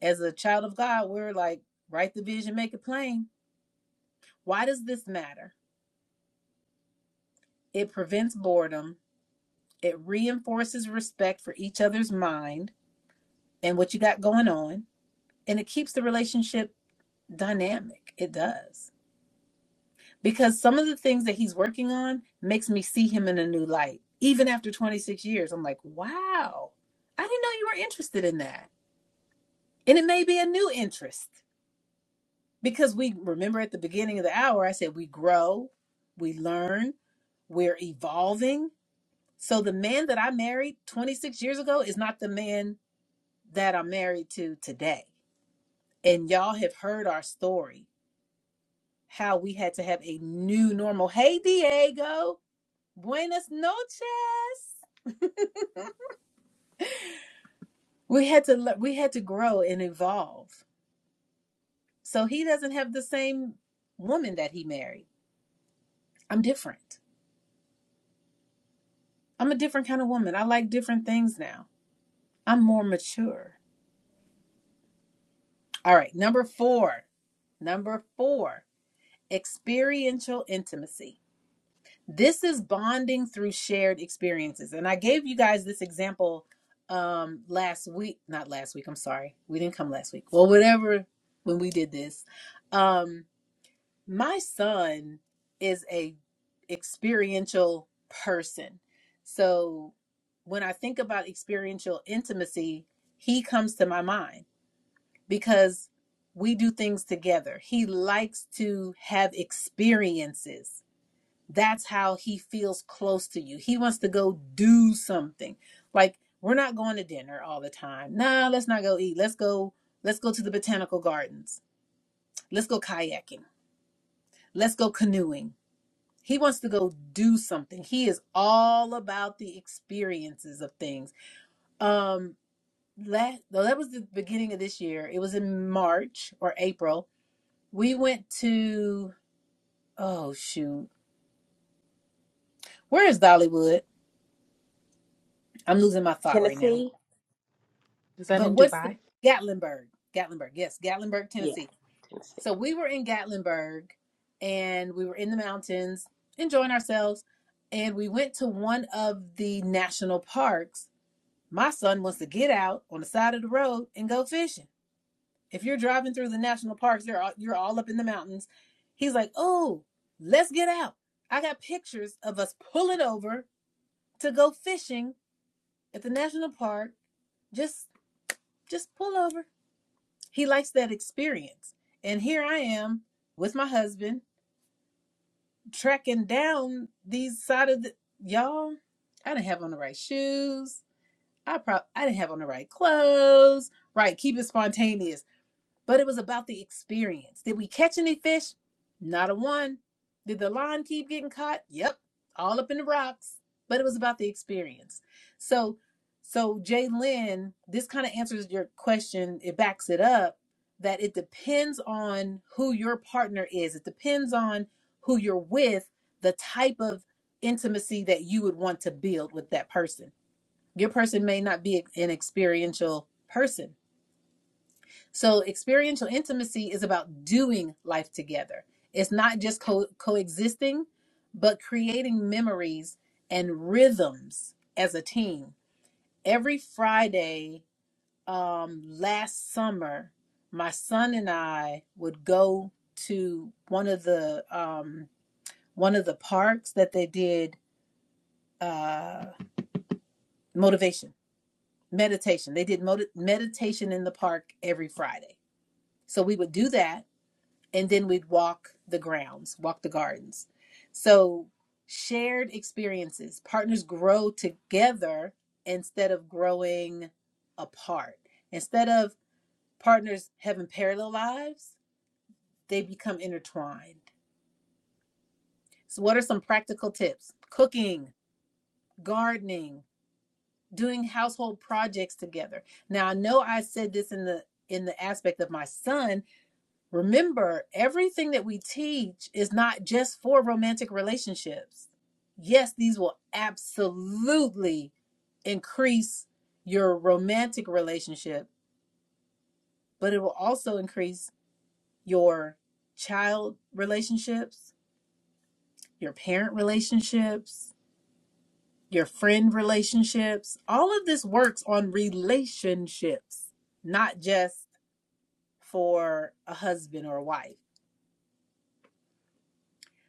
Speaker 1: As a child of God, we're like, write the vision, make it plain. Why does this matter? It prevents boredom, it reinforces respect for each other's mind and what you got going on, and it keeps the relationship dynamic. It does. Because some of the things that he's working on makes me see him in a new light. Even after 26 years, I'm like, wow, I didn't know you were interested in that. And it may be a new interest because we remember at the beginning of the hour, I said we grow, we learn, we're evolving. So the man that I married 26 years ago is not the man that I'm married to today. And y'all have heard our story, how we had to have a new normal. Hey Diego, buenas noches. We had to le- we had to grow and evolve. So he doesn't have the same woman that he married. I'm different. I'm a different kind of woman. I like different things now. I'm more mature. All right, number four. Number four, experiential intimacy. This is bonding through shared experiences. And I gave you guys this example um last week, not last week, I'm sorry. We didn't come last week. Well, whatever when we did this. Um my son is a experiential person. So when I think about experiential intimacy, he comes to my mind because we do things together. He likes to have experiences. That's how he feels close to you. He wants to go do something. Like we're not going to dinner all the time. Nah, let's not go eat. Let's go let's go to the botanical gardens. Let's go kayaking. Let's go canoeing. He wants to go do something. He is all about the experiences of things. Um last, that was the beginning of this year. It was in March or April We went to oh shoot, where is Dollywood? I'm losing my thought right now.
Speaker 5: Tennessee?
Speaker 2: Is that in
Speaker 1: But what's
Speaker 2: Dubai?
Speaker 1: the Gatlinburg? Gatlinburg, yes, Gatlinburg,
Speaker 5: Yeah,
Speaker 1: Tennessee.
Speaker 5: Tennessee.
Speaker 1: So we were in Gatlinburg, and we were in the mountains enjoying ourselves, and we went to one of the national parks. My son wants to get out on the side of the road and go fishing. If you're driving through the national parks, you're all, you're all up in the mountains. He's like, "Oh, let's get out." I got pictures of us pulling over to go fishing at the national park, just just pull over. He likes that experience. And here I am with my husband tracking down these side of the y'all. I didn't have on the right shoes. I prob I didn't have on the right clothes. Right, keep it spontaneous but it was about the experience. Did we catch any fish? Not a one. Did the line keep getting caught? Yep, all up in the rocks. But it was about the experience. So, so Jay this kind of answers your question. It backs it up that it depends on who your partner is. It depends on who you're with, the type of intimacy that you would want to build with that person. Your person may not be an experiential person so, experiential intimacy is about doing life together. It's not just co- coexisting, but creating memories and rhythms as a team. Every Friday um, last summer, my son and I would go to one of the um, one of the parks that they did uh, motivation meditation. They did modi meditation in the park every Friday. So we would do that and then we'd walk the grounds, walk the gardens. So, shared experiences, partners grow together instead of growing apart. Instead of partners having parallel lives, they become intertwined. So, what are some practical tips? Cooking, gardening, doing household projects together. Now, I know I said this in the in the aspect of my son, Remember, everything that we teach is not just for romantic relationships. Yes, these will absolutely increase your romantic relationship, but it will also increase your child relationships, your parent relationships, your friend relationships. All of this works on relationships, not just for a husband or a wife.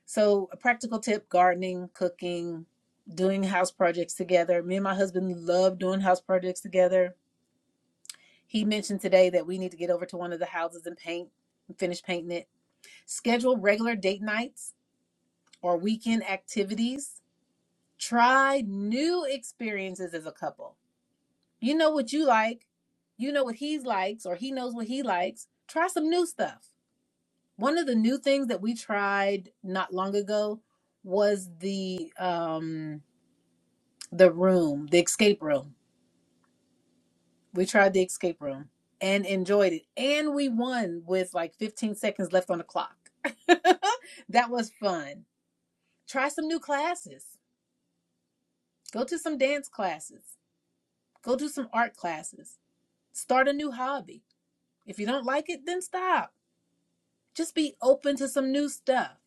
Speaker 1: So, a practical tip gardening, cooking, doing house projects together. Me and my husband love doing house projects together. He mentioned today that we need to get over to one of the houses and paint and finish painting it. Schedule regular date nights or weekend activities. Try new experiences as a couple. You know what you like, you know what he likes, or he knows what he likes. Try some new stuff. One of the new things that we tried not long ago was the um the room, the escape room. We tried the escape room and enjoyed it. And we won with like 15 seconds left on the clock. that was fun. Try some new classes. Go to some dance classes. Go do some art classes. Start a new hobby. If you don't like it, then stop. Just be open to some new stuff.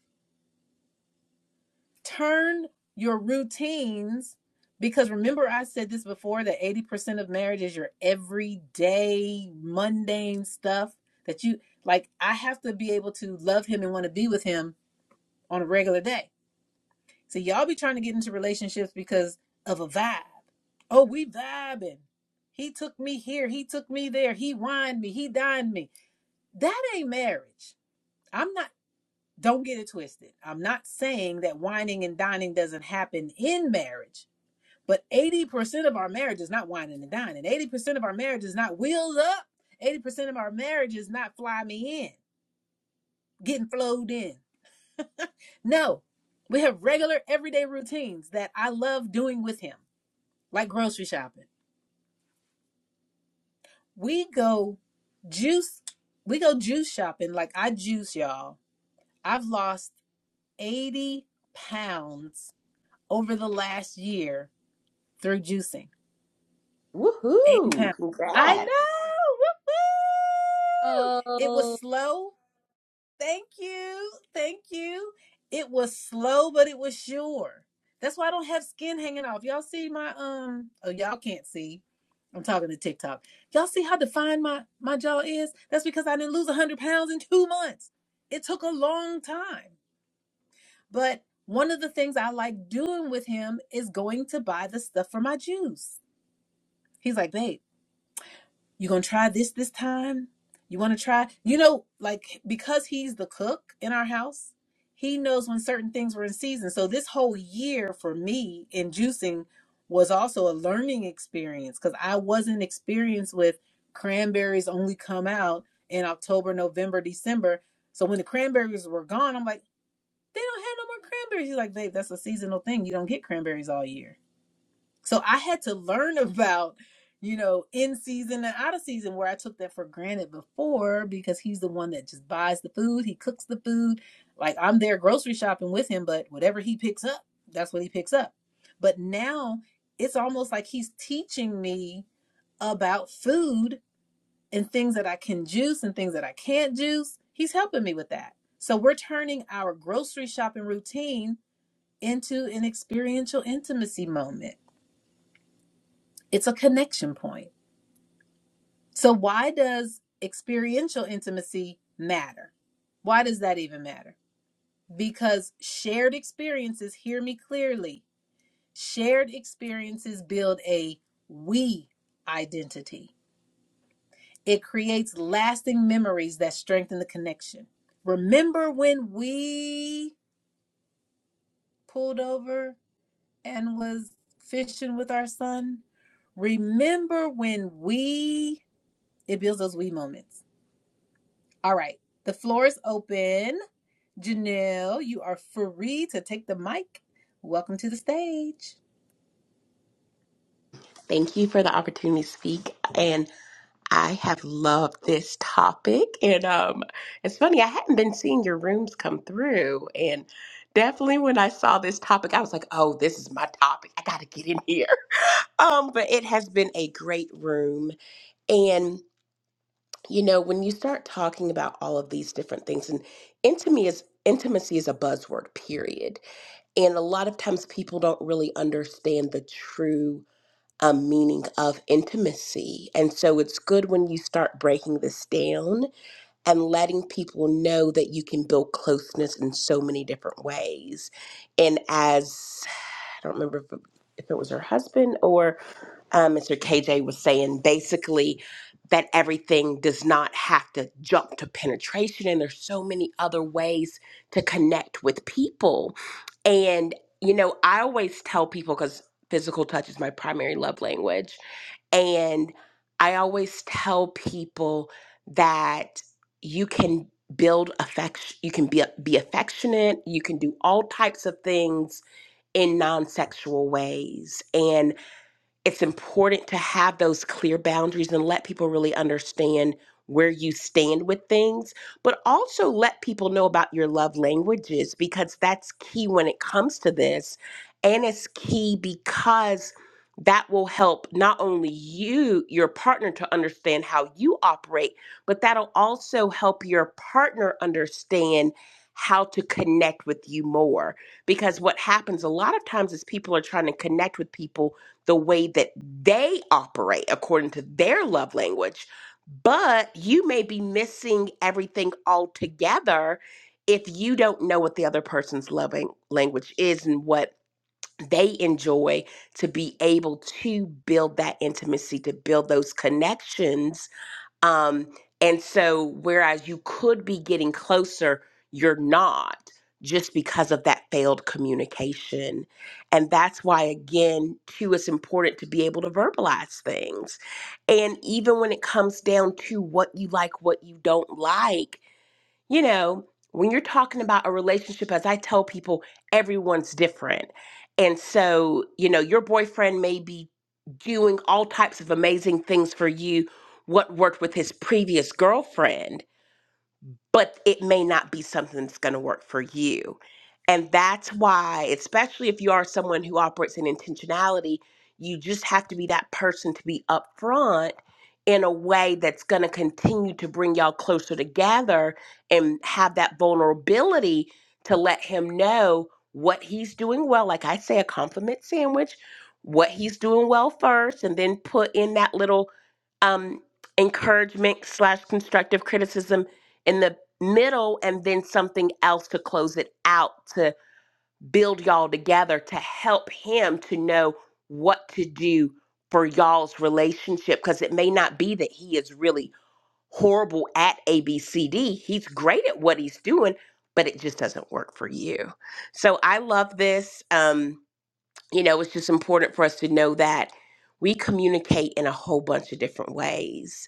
Speaker 1: turn your routines because remember I said this before that 80% of marriage is your everyday mundane stuff that you like I have to be able to love him and want to be with him on a regular day. So y'all be trying to get into relationships because of a vibe. Oh, we vibing. He took me here, he took me there, he wined me, he dined me. That ain't marriage. I'm not don't get it twisted. I'm not saying that whining and dining doesn't happen in marriage, but 80% of our marriage is not whining and dining. 80% of our marriage is not wheels up. 80% of our marriage is not fly me in, getting flowed in. No, we have regular everyday routines that I love doing with him, like grocery shopping. We go juice, we go juice shopping like I juice, y'all. I've lost 80 pounds over the last year through juicing. Eight
Speaker 5: Woohoo!
Speaker 1: pounds. I
Speaker 5: Congrats.
Speaker 1: know. Woo-hoo! It was
Speaker 2: Oh,
Speaker 1: slow. Thank you. Thank you. It was slow, but it was sure. That's why I don't have skin hanging off. Y'all see my um oh y'all can't see. I'm talking to TikTok. Y'all see how defined my my jaw is? That's because I didn't lose 100 pounds in 2 months. It took a long time. But one of the things I like doing with him is going to buy the stuff for my juice. He's like, "Babe, you gonna try this this time you want to try you know like because he's the cook in our house he knows when certain things were in season so this whole year for me in juicing was also a learning experience because i wasn't experienced with cranberries only come out in october november december so when the cranberries were gone i'm like they don't have no more cranberries he's like babe that's a seasonal thing you don't get cranberries all year so I had to learn about, you know, in season and out of season where I took that for granted before because he's the one that just buys the food, he cooks the food. Like I'm there grocery shopping with him, but whatever he picks up, that's what he picks up. But now it's almost like he's teaching me about food and things that I can juice and things that I can't juice. He's helping me with that. So we're turning our grocery shopping routine into an experiential intimacy moment it's a connection point. So why does experiential intimacy matter? Why does that even matter? Because shared experiences, hear me clearly, shared experiences build a we identity. It creates lasting memories that strengthen the connection. Remember when we pulled over and was fishing with our son? Remember when we, it builds those we moments All right. The floor is open. Janelle, you are free to take the mic. Welcome to the stage.
Speaker 5: Thank you for the opportunity to speak. And I have loved this topic. And um, it's funny, I hadn't been seeing your rooms come through. And definitely when I saw this topic, I was like, oh, this is my topic. I got to get in here. Um, but it has been a great room. And, you know, when you start talking about all of these different things, and intimacy is, intimacy is a buzzword, period And a lot of times people don't really understand the true um, meaning of intimacy. And so it's good when you start breaking this down and letting people know that you can build closeness in so many different ways. And as I don't remember if, if it was her husband or um, Mr. KJ was saying basically that everything does not have to jump to penetration, and there's so many other ways to connect with people. And, you know, I always tell people because physical touch is my primary love language. And I always tell people that you can build affection, you can be, be affectionate, you can do all types of things in non sexual ways. And it's important to have those clear boundaries and let people really understand where you stand with things, but also let people know about your love languages because that's key when it comes to this. And it's key because that will help not only you, your partner, to understand how you operate, but that'll also help your partner understand how to connect with you more. Because what happens a lot of times is people are trying to connect with people the way that they operate according to their love language, but you may be missing everything altogether if you don't know what the other person's loving language is and what they enjoy to be able to build that intimacy, to build those connections um, and so, whereas you could be getting closer, you're not just because of that failed communication. And that's why, again, too, it's important to be able to verbalize things. And even when it comes down to what you like, what you don't like you know, when you're talking about a relationship, as I tell people, everyone's different. And so, you know, your boyfriend may be doing all types of amazing things for you, what worked with his previous girlfriend but it may not be something that's going to work for you. And that's why, especially if you are someone who operates in intentionality, you just have to be that person to be upfront in a way that's going to continue to bring y'all closer together and have that vulnerability to let him know what he's doing well. Like I say, a compliment sandwich, what he's doing well first, and then put in that little um, encouragement slash constructive criticism in the middle and then something else to close it out to build y'all together to help him to know what to do for y'all's relationship because it may not be that he is really horrible at ABCD. He's great at what he's doing, but it just doesn't work for you. So I love this. Um, you know, it's just important for us to know that we communicate in a whole bunch of different ways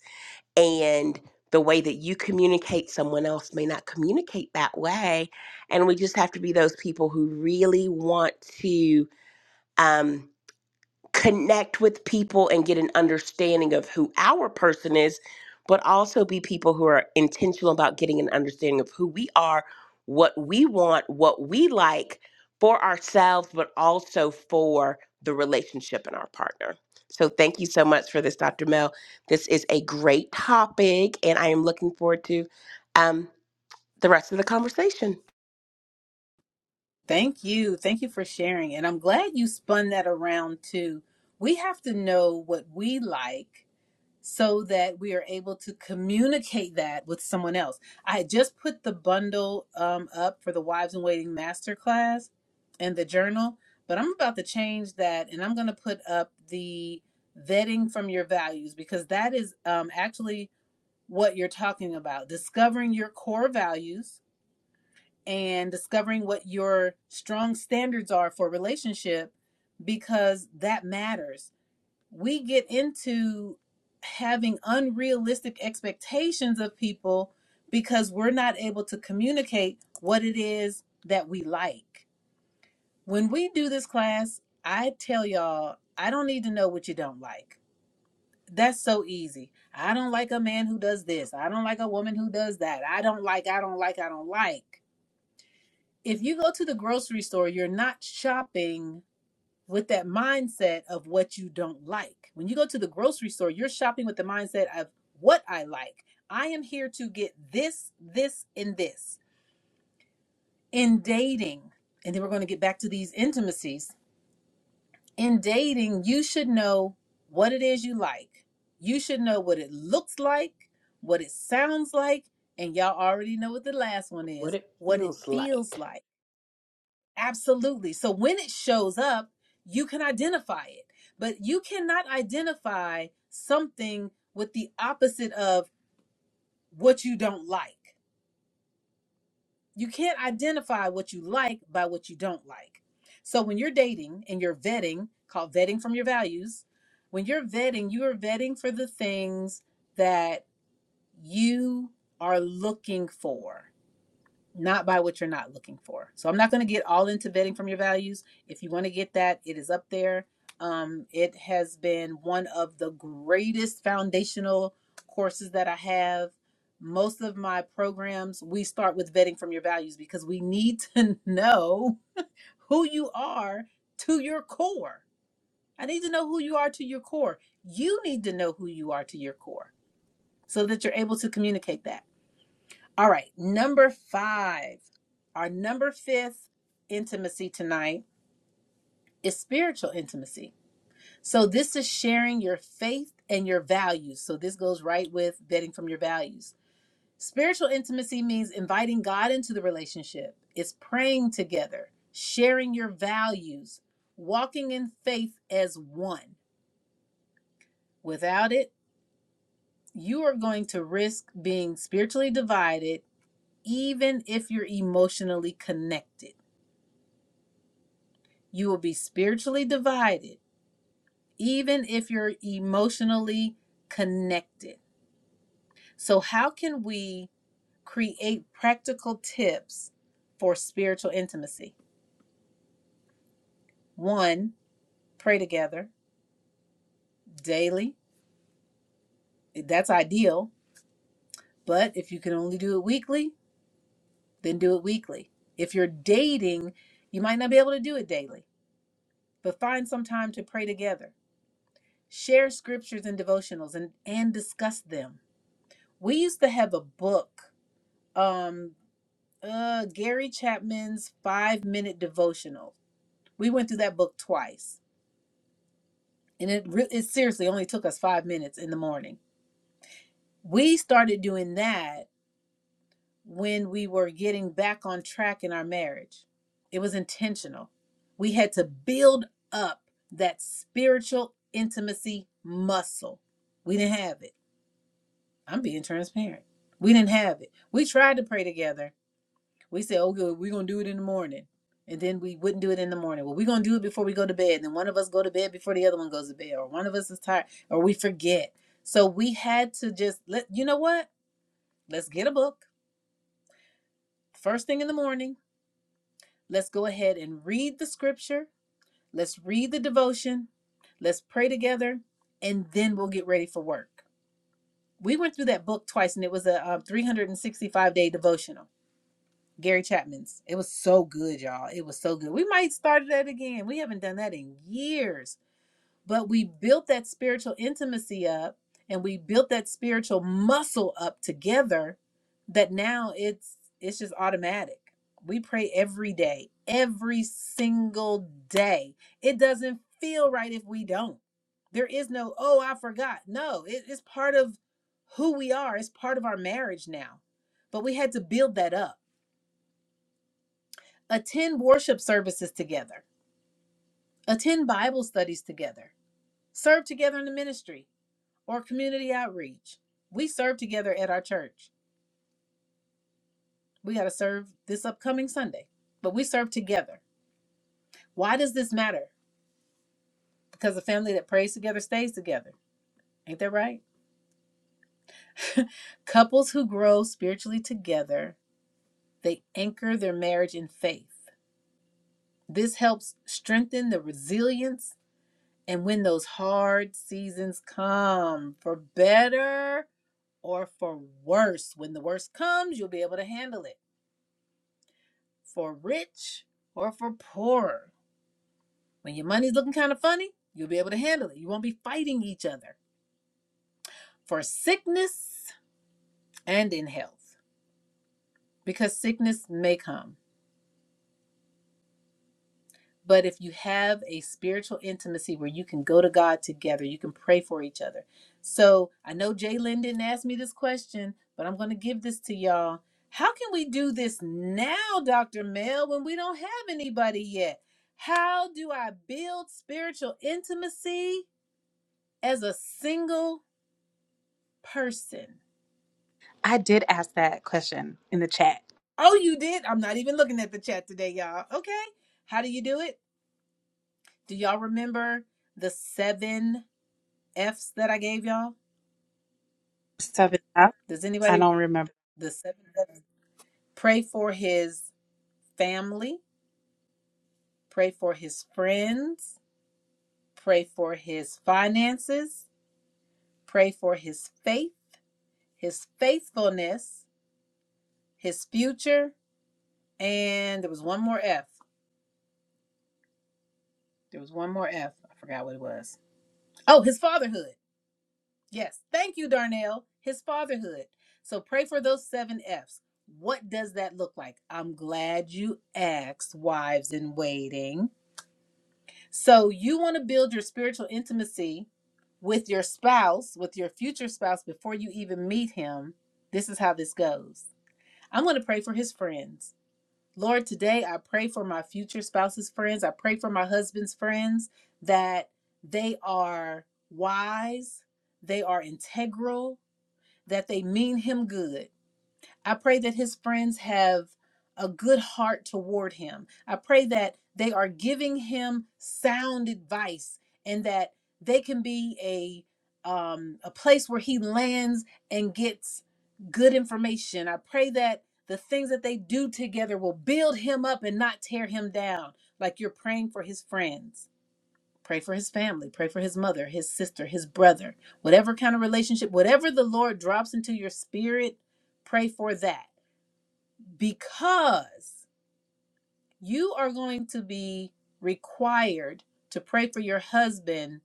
Speaker 5: and the way that you communicate someone else may not communicate that way and we just have to be those people who really want to um, connect with people and get an understanding of who our person is, but also be people who are intentional about getting an understanding of who we are, what we want, what we like for ourselves, but also for the relationship and our partner. So, thank you so much for this, Dr. Mel. This is a great topic, and I am looking forward to um, the rest of the conversation,
Speaker 1: Thank you. Thank you for sharing. And I'm glad you spun that around too. We have to know what we like so that we are able to communicate that with someone else. I had just put the bundle um, up for the Wives in Waiting Masterclass and the journal, but I'm about to change that and I'm going to put up the vetting from your values because that is um, actually what you're talking about discovering your core values and discovering what your strong standards are for a relationship because that matters we get into having unrealistic expectations of people because we're not able to communicate what it is that we like. When we do this class, I tell y'all, I don't need to know what you don't like. That's so easy. I don't like a man who does this. I don't like a woman who does that. I don't like, I don't like, I don't like. If you go to the grocery store, you're not shopping with that mindset of what you don't like. When you go to the grocery store, you're shopping with the mindset of what I like. I am here to get this, this, and this. In dating, and then we're going to get back to these intimacies. In dating, you should know what it is you like. You should know what it looks like, what it sounds like, and y'all already know what the last one
Speaker 5: what
Speaker 1: is,
Speaker 5: it
Speaker 1: what it
Speaker 5: feels like.
Speaker 1: feels like Absolutely. So when it shows up, you can identify it, but you cannot identify something with the opposite of what you don't like. You can't identify what you like by what you don't like. So when you're dating and you're vetting, called vetting from your values, when you're vetting, you are vetting for the things that you are looking for not by what you're not looking for. So I'm not going to get all into vetting from your values. If you want to get that, it is up there. Um, it has been one of the greatest foundational courses that I have. Most of my programs, we start with vetting from your values because we need to know who you are to your core. I need to know who you are to your core. You need to know who you are to your core so that you're able to communicate that. All right, number five. Our number fifth intimacy tonight is spiritual intimacy. So, this is sharing your faith and your values. So, this goes right with vetting from your values. Spiritual intimacy means inviting God into the relationship, it's praying together, sharing your values, walking in faith as one. Without it, you are going to risk being spiritually divided, even if you're emotionally connected. You will be spiritually divided, even if you're emotionally connected. So, how can we create practical tips for spiritual intimacy? One, pray together daily. That's ideal. But if you can only do it weekly, then do it weekly. If you're dating, you might not be able to do it daily, but find some time to pray together. Share scriptures and devotionals and, and discuss them. We used to have a book um uh Gary Chapman's 5 minute devotional. We went through that book twice and it re- it seriously only took us 5 minutes in the morning. We started doing that when we were getting back on track in our marriage. It was intentional. We had to build up that spiritual intimacy muscle. We didn't have it. I'm being transparent. We didn't have it. We tried to pray together We say, okay, we're gonna do it in the morning. And then we wouldn't do it in the morning. Well, we're gonna do it before we go to bed. And Then one of us go to bed before the other one goes to bed, or one of us is tired, or we forget. So we had to just let you know what? Let's get a book first thing in the morning. Let's go ahead and read the scripture. Let's read the devotion. Let's pray together, and then we'll get ready for work. We went through that book twice, and it was a um, 365 day devotional. Gary Chapman's. It was so good, y'all. It was so good. We might start that again. We haven't done that in years, but we built that spiritual intimacy up and we built that spiritual muscle up together that now it's it's just automatic. We pray every day, every single day. It doesn't feel right if we don't. There is no, oh, I forgot. No, it, it's part of who we are. It's part of our marriage now. But we had to build that up attend worship services together, attend Bible studies together, serve together in the ministry or community outreach. We serve together at our church. We got to serve this upcoming Sunday, but we serve together. Why does this matter? Because a family that prays together stays together. Ain't that right? Couples who grow spiritually together, they anchor their marriage in faith. This helps strengthen the resilience And when those hard seasons come, for better or for worse, when the worst comes, you'll be able to handle it. For rich or for poorer. When your money's looking kind of funny, you'll be able to handle it. You won't be fighting each other. For sickness and in health, because sickness may come. But if you have a spiritual intimacy where you can go to God together, you can pray for each other. So I know Jaylen didn't ask me this question, but I'm going to give this to y'all. How can we do this now, Dr. Mel, when we don't have anybody yet? How do I build spiritual intimacy as a single person?
Speaker 2: I did ask that question in the chat.
Speaker 1: Oh, you did? I'm not even looking at the chat today, y'all. Okay. How do you do it? Do y'all remember the seven F's that I gave y'all?
Speaker 2: Seven up.
Speaker 1: Does
Speaker 2: I
Speaker 1: anybody
Speaker 2: don't remember.
Speaker 1: the seven seven pray for his family, pray for his friends, pray for his finances, pray for his faith, his faithfulness, his future, and there was one more F. There was one more F. I forgot what it was. Oh, his fatherhood. Yes. Thank you, Darnell. His fatherhood. So pray for those seven F's. What does that look like? I'm glad you asked, wives in waiting So you want to build your spiritual intimacy with your spouse, with your future spouse, before you even meet him. This is how this goes. I'm going to pray for his friends. Lord, today I pray for my future spouse's friends. I pray for my husband's friends that they are wise, they are integral, that they mean him good. I pray that his friends have a good heart toward him. I pray that they are giving him sound advice and that they can be a um, a place where he lands and gets good information. I pray that the things that they do together will build him up and not tear him down. Like you're praying for his friends. Pray for his family, pray for his mother, his sister, his brother, whatever kind of relationship, whatever the Lord drops into your spirit, pray for that because you are going to be required to pray for your husband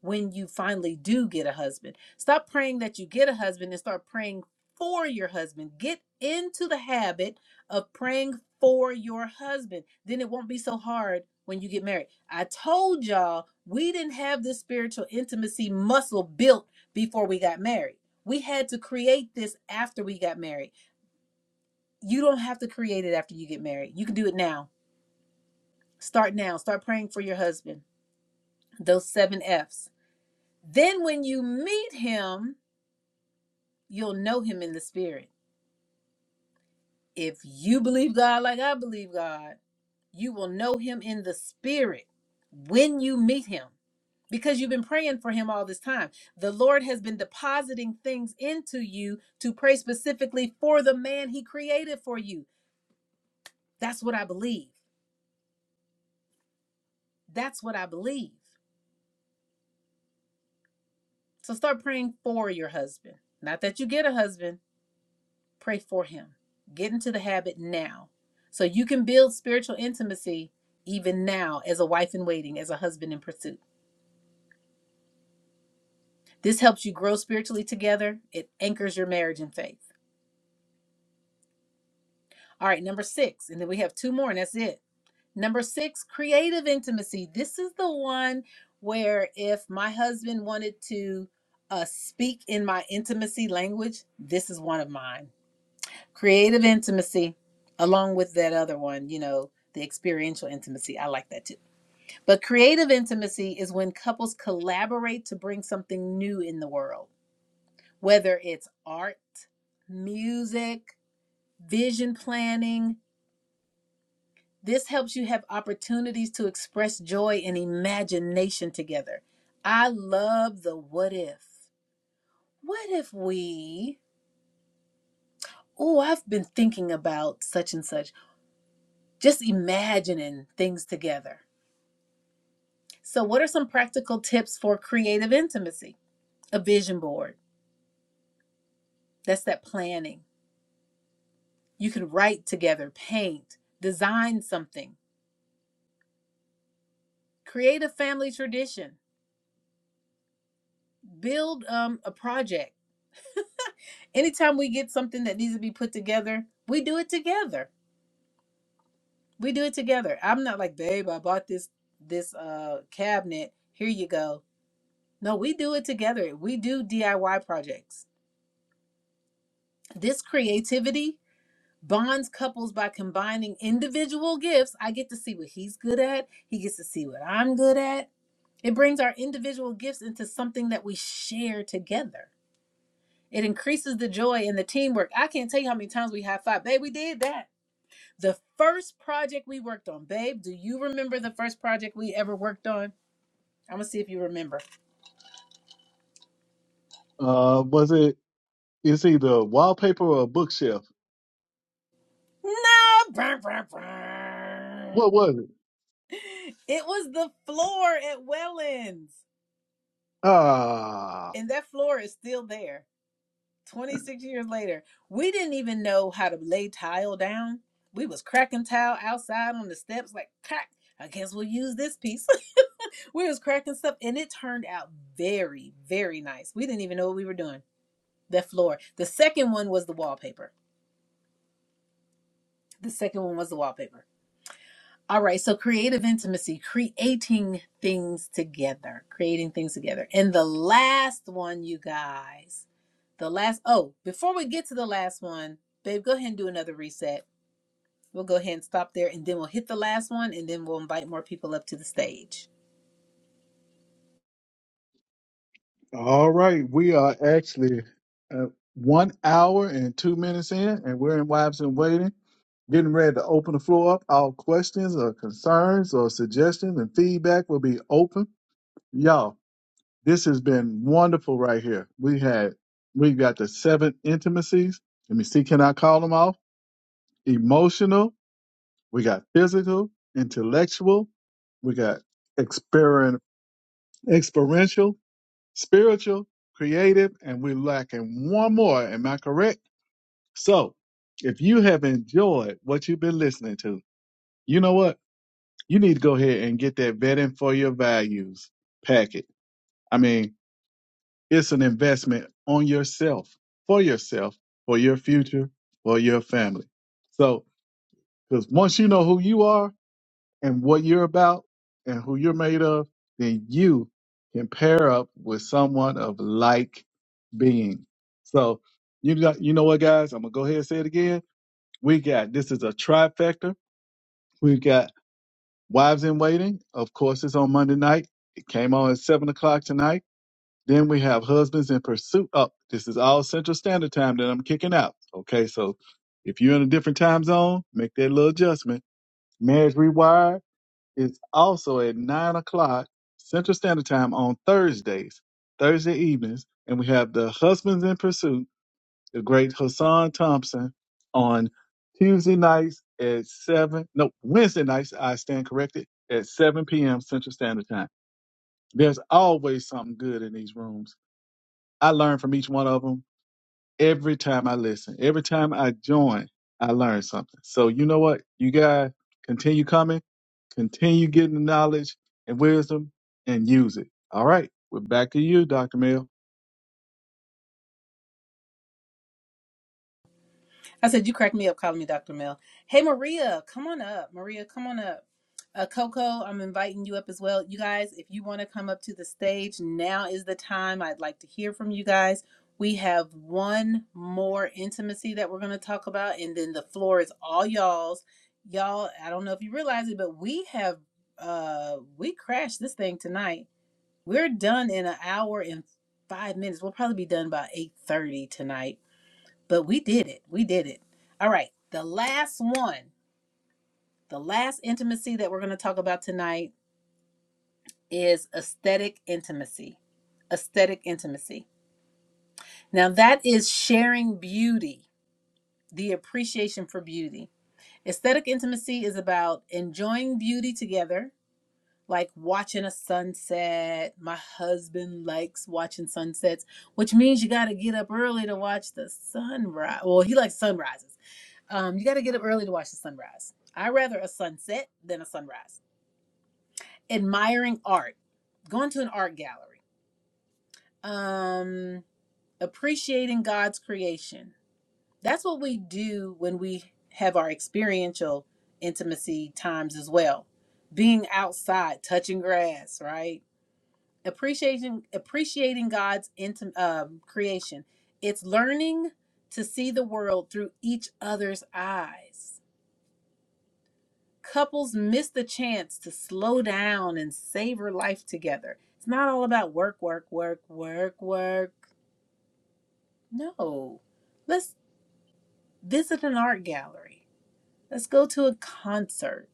Speaker 1: when you finally do get a husband. Stop praying that you get a husband and start praying for your husband. Get into the habit of praying for your husband. Then it won't be so hard when you get married. I told y'all we didn't have this spiritual intimacy muscle built before we got married. We had to create this after we got married you don't have to create it after you get married. You can do it now. Start now. Start praying for your husband. Those seven F's. Then when you meet him, you'll know him in the spirit. If you believe God like I believe God, you will know him in the spirit when you meet him because you've been praying for him all this time. The Lord has been depositing things into you to pray specifically for the man he created for you. That's what I believe. That's what I believe. So start praying for your husband. Not that you get a husband, pray for him. Get into the habit now so you can build spiritual intimacy even now as a wife in waiting, as a husband in pursuit. This helps you grow spiritually together, it anchors your marriage in faith. All right, number six, and then we have two more, and that's it. Number six, creative intimacy. This is the one where if my husband wanted to uh, speak in my intimacy language, this is one of mine Creative intimacy, along with that other one, you know, the experiential intimacy. I like that too. But creative intimacy is when couples collaborate to bring something new in the world, whether it's art, music, vision planning. This helps you have opportunities to express joy and imagination together. I love the what if. What if we? Oh, I've been thinking about such and such just imagining things together. So, what are some practical tips for creative intimacy? A vision board. That's that planning. You can write together, paint, design something, create a family tradition, build um, a project. Anytime we get something that needs to be put together, we do it together. We do it together. I'm not like, babe, I bought this this uh cabinet. Here you go. No, we do it together. We do DIY projects. This creativity bonds couples by combining individual gifts. I get to see what he's good at, he gets to see what I'm good at. It brings our individual gifts into something that we share together. It increases the joy and the teamwork. I can't tell you how many times we high five. Babe, we did that. The first project we worked on, babe, do you remember the first project we ever worked on? I'm gonna see if you remember.
Speaker 3: Uh, was it? It's either wallpaper or bookshelf.
Speaker 1: No, brr, brr, brr.
Speaker 3: What was it?
Speaker 1: it was the floor at Wellens,
Speaker 3: Ah.
Speaker 1: and that floor is still there 26 years later, we didn't even know how to lay tile down. We was cracking tile outside on the steps, like crack. I guess we'll use this piece. we was cracking stuff, and it turned out very, very nice. We didn't even know what we were doing. The floor. The second one was the wallpaper. The second one was the wallpaper All right, so creative intimacy, creating things together, creating things together. And the last one, you guys, the last, oh, before we get to the last one, babe, go ahead and do another reset. We'll go ahead and stop there and then we'll hit the last one and then we'll invite more people up to the stage.
Speaker 3: All right, we are actually uh, one hour and two minutes in, and we're in Wives and Waiting, getting ready to open the floor up. All questions or concerns or suggestions and feedback will be open. Y'all, this has been wonderful right here. We had, we got the seven intimacies. Let me see, can I call them off? Emotional, we got physical, intellectual, we got exper- experiential, spiritual, creative, and we're lacking one more. Am I correct? So, if you have enjoyed what you've been listening to, you know what? You need to go ahead and get that vetting for your values packet. I mean, it's an investment on yourself, for yourself, for your future, for your family. So, because once you know who you are, and what you're about and who you're made of, then you can pair up with someone of like being. So you got you know what guys, I'm gonna go ahead and say it again. We got this is a trifecta. We've got Wives in Waiting. Of course it's on Monday night. It came on at seven o'clock tonight. Then we have Husbands in Pursuit up. This is all Central Standard Time that I'm kicking out. Okay, so if you're in a different time zone, make that little adjustment. Marriage Rewired is also at nine o'clock Central Standard Time on Thursdays, Thursday evenings, and we have the Husbands in Pursuit, the great Hassan Thompson, on Tuesday nights at seven. No, Wednesday nights. I stand corrected at seven p.m. Central Standard Time. There's always something good in these rooms. I learn from each one of them every time I listen, every time I join, I learn something. So you know what? You guys continue coming, continue getting the knowledge and wisdom and use it. All right. We're back to you, Dr. Mill.
Speaker 1: I said, you cracked me up calling me Dr. Mel. Hey, Maria, come on up. Maria, come on up. Uh, Coco, I'm inviting you up as well. You guys, if you want to come up to the stage, now is the time. I'd like to hear from you guys. We have one more intimacy that we're going to talk about, and then the floor is all y'all's. Y'all, I don't know if you realize it, but we have, uh, we crashed this thing tonight. We're done in an hour and five minutes. We'll probably be done by 8.30 tonight but we did it. We did it. All right. The last one, the last intimacy that we're going to talk about tonight is aesthetic intimacy. Aesthetic intimacy. Now, that is sharing beauty, the appreciation for beauty. Aesthetic intimacy is about enjoying beauty together, like watching a sunset. My husband likes watching sunsets, which means you got to get up early to watch the sunrise. Well, he likes sunrises Um, you got to get up early to watch the sunrise. I rather a sunset than a sunrise. Admiring art, going to an art gallery, um, appreciating God's creation. That's what we do when we have our experiential intimacy times as well. Being outside, touching grass, right? Appreciating appreciating God's intim- um, creation. It's learning to see the world through each other's eyes couples miss the chance to slow down and savor life together. It's not all about work, work, work, work, work. No. Let's visit an art gallery. Let's go to a concert.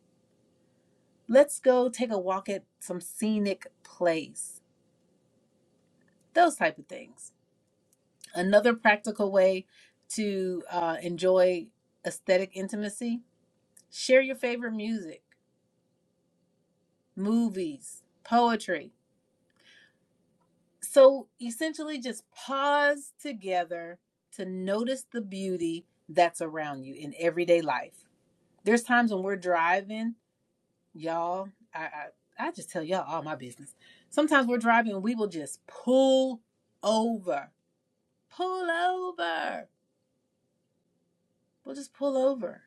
Speaker 1: Let's go take a walk at some scenic place. Those type of things. Another practical way to uh, enjoy aesthetic intimacy share your favorite music, movies, poetry. So essentially, just pause together to notice the beauty that's around you in everyday life. There's times when we're driving, y'all. I I, I just tell y'all all my business. Sometimes we're driving and we will just pull over, pull over. We'll just pull over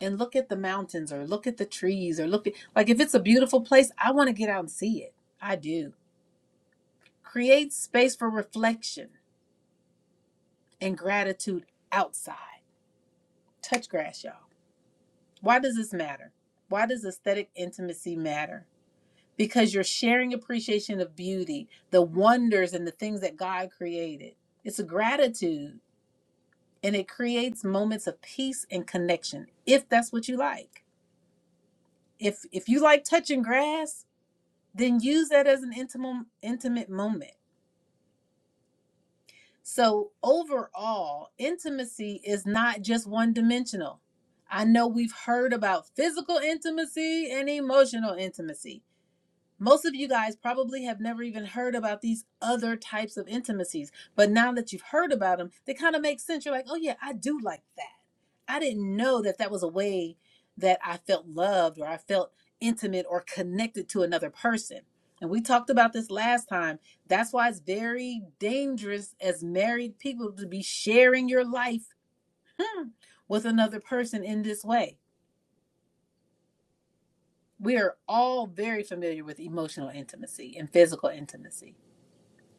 Speaker 1: and look at the mountains or look at the trees or look at like if it's a beautiful place, I want to get out and see it. I do. Create space for reflection and gratitude outside. Touch grass, y'all. Why does this matter? Why does aesthetic intimacy matter? Because you're sharing appreciation of beauty, the wonders and the things that God created. It's a gratitude and it creates moments of peace and connection if that's what you like. If if you like touching grass, then use that as an intimate intimate moment. So overall, intimacy is not just one dimensional. I know we've heard about physical intimacy and emotional intimacy Most of you guys probably have never even heard about these other types of intimacies, but now that you've heard about them, they kind of make sense. You're like, oh, yeah, I do like that. I didn't know that that was a way that I felt loved or I felt intimate or connected to another person. And we talked about this last time. That's why it's very dangerous as married people to be sharing your life hmm, with another person in this way. We are all very familiar with emotional intimacy and physical intimacy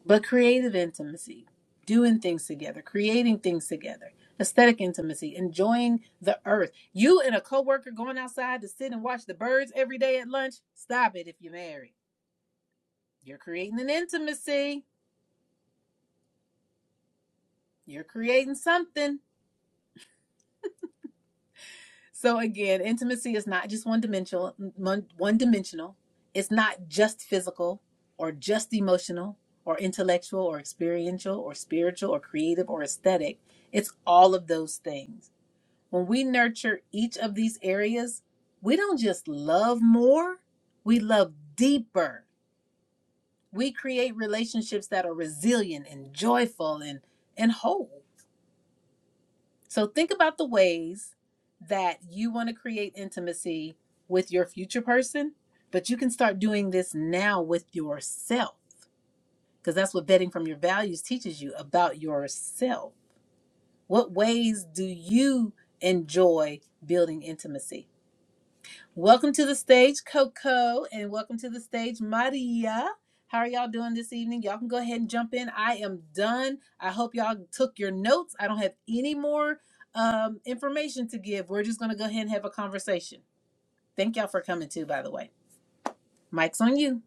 Speaker 1: But creative intimacy, doing things together, creating things together, aesthetic intimacy, enjoying the earth. You and a coworker going outside to sit and watch the birds every day at lunch. Stop it if you're married. You're creating an intimacy. You're creating something. So again, intimacy is not just one dimensional. One one dimensional. It's not just physical or just emotional or intellectual or experiential or spiritual or creative or aesthetic. It's all of those things. When we nurture each of these areas, we don't just love more, we love deeper. We create relationships that are resilient and joyful and, and whole. So think about the ways that you want to create intimacy with your future person, but you can start doing this now with yourself because that's what vetting from your values teaches you about yourself. What ways do you enjoy building intimacy? Welcome to the stage, Coco, and welcome to the stage, Maria. How are y'all doing this evening? Y'all can go ahead and jump in. I am done. I hope y'all took your notes. I don't have any more um, information to give. We're just going to go ahead and have a conversation. Thank y'all for coming too, by the way. Mike's on you.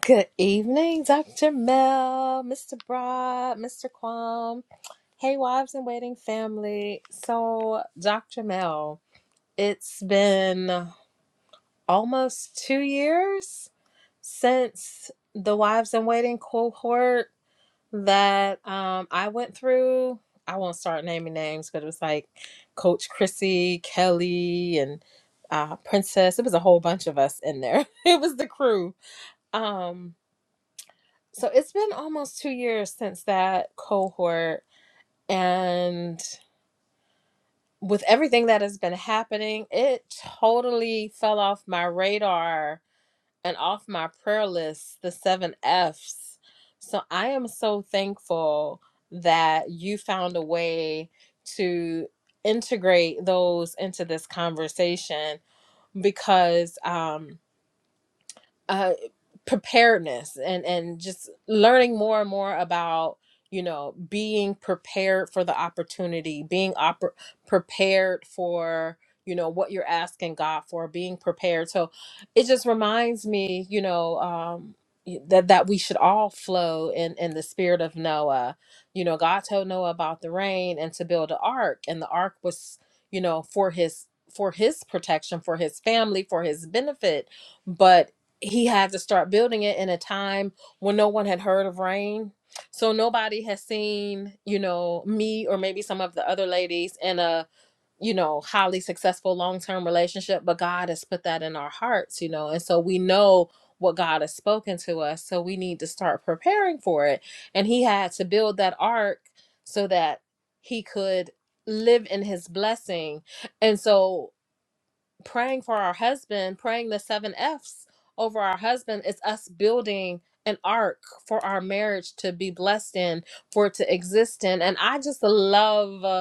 Speaker 6: Good evening, Dr. Mel, Mr. Broad, Mr. Quam. Hey, wives and waiting family. So, Dr. Mel, it's been almost two years since the wives and waiting cohort that um, I went through. I won't start naming names, but it was like Coach Chrissy, Kelly, and uh, Princess. It was a whole bunch of us in there. it was the crew. Um, so it's been almost two years since that cohort. And with everything that has been happening, it totally fell off my radar and off my prayer list, the seven F's. So I am so thankful that you found a way to integrate those into this conversation because um, uh, preparedness and and just learning more and more about you know being prepared for the opportunity being op- prepared for you know what you're asking god for being prepared so it just reminds me you know um y- that that we should all flow in in the spirit of noah you know god told noah about the rain and to build an ark and the ark was you know for his for his protection for his family for his benefit but he had to start building it in a time when no one had heard of rain so nobody has seen you know me or maybe some of the other ladies in a you know highly successful long-term relationship but god has put that in our hearts you know and so we know what god has spoken to us so we need to start preparing for it and he had to build that ark so that he could live in his blessing and so praying for our husband, praying the seven F's over our husband is us building an ark for our marriage to be blessed in, for it to exist in. And I just love uh,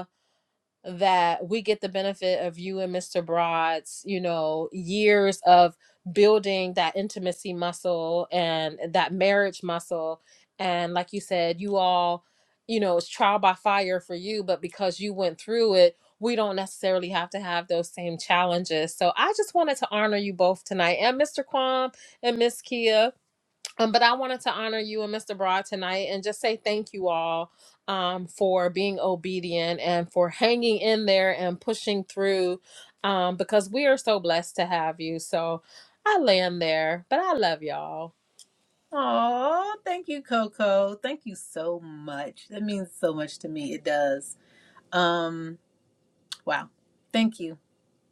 Speaker 6: that we get the benefit of you and Mr. Broad's, you know, years of building that intimacy muscle and that marriage muscle. And like you said, you all, you know, it's trial by fire for you, but because you went through it, we don't necessarily have to have those same challenges. So I just wanted to honor you both tonight and Mr. Kwam and Miss Kia. Um, but I wanted to honor you and Mr. Broad tonight and just say thank you all um, for being obedient and for hanging in there and pushing through um, because we are so blessed to have you. So I land there, but I love y'all.
Speaker 1: Oh, thank you, Coco. Thank you so much. That means so much to me. It does. Um, wow. Thank you.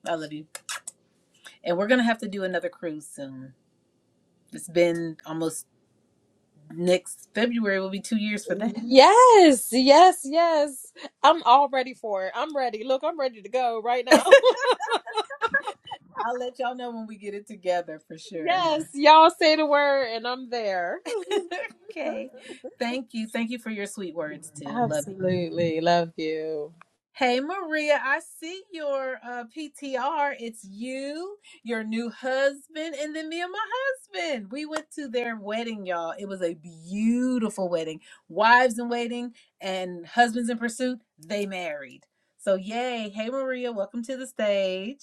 Speaker 1: I love you. And we're gonna have to do another cruise soon. It's been almost Next February will be two years for that.
Speaker 6: Yes, yes, yes. I'm all ready for it. I'm ready. Look, I'm ready to go right now.
Speaker 1: I'll let y'all know when we get it together for sure.
Speaker 6: yes, y'all say the word and I'm there.
Speaker 1: okay. Thank you. Thank you for your sweet words too. Love you.
Speaker 6: Absolutely. Love you.
Speaker 1: Hey Maria, I see your uh, PTR. It's you, your new husband, and then me and my husband. We went to their wedding, y'all. It was a beautiful wedding. Wives in waiting and husbands in pursuit, they married. So, yay. Hey Maria, welcome to the stage.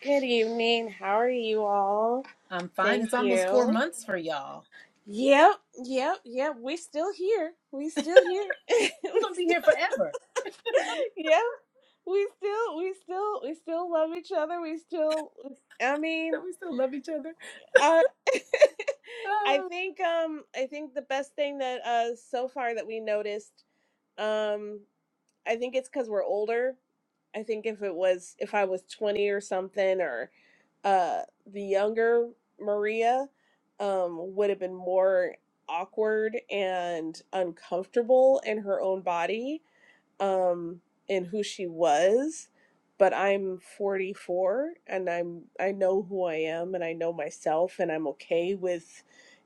Speaker 7: Good evening. How are you all?
Speaker 1: I'm fine.
Speaker 7: Thank
Speaker 1: It's almost four
Speaker 7: you.
Speaker 1: months for y'all.
Speaker 7: Yep, yep, yep. We still here. We still here. we
Speaker 1: You're gonna be here
Speaker 7: still,
Speaker 1: forever.
Speaker 7: yeah. We still, we still, we still love each other. We still. I
Speaker 1: So
Speaker 7: mean,
Speaker 1: we still love each other.
Speaker 7: uh, I
Speaker 1: Oh,
Speaker 7: think, um, I think the best thing that uh so far that we noticed, um, I think it's because we're older. I think if it was if I was twenty or something or uh the younger Maria um would have been more awkward and uncomfortable in her own body um in who she was but I'm 44 and I'm I know who I am and I know myself and I'm okay with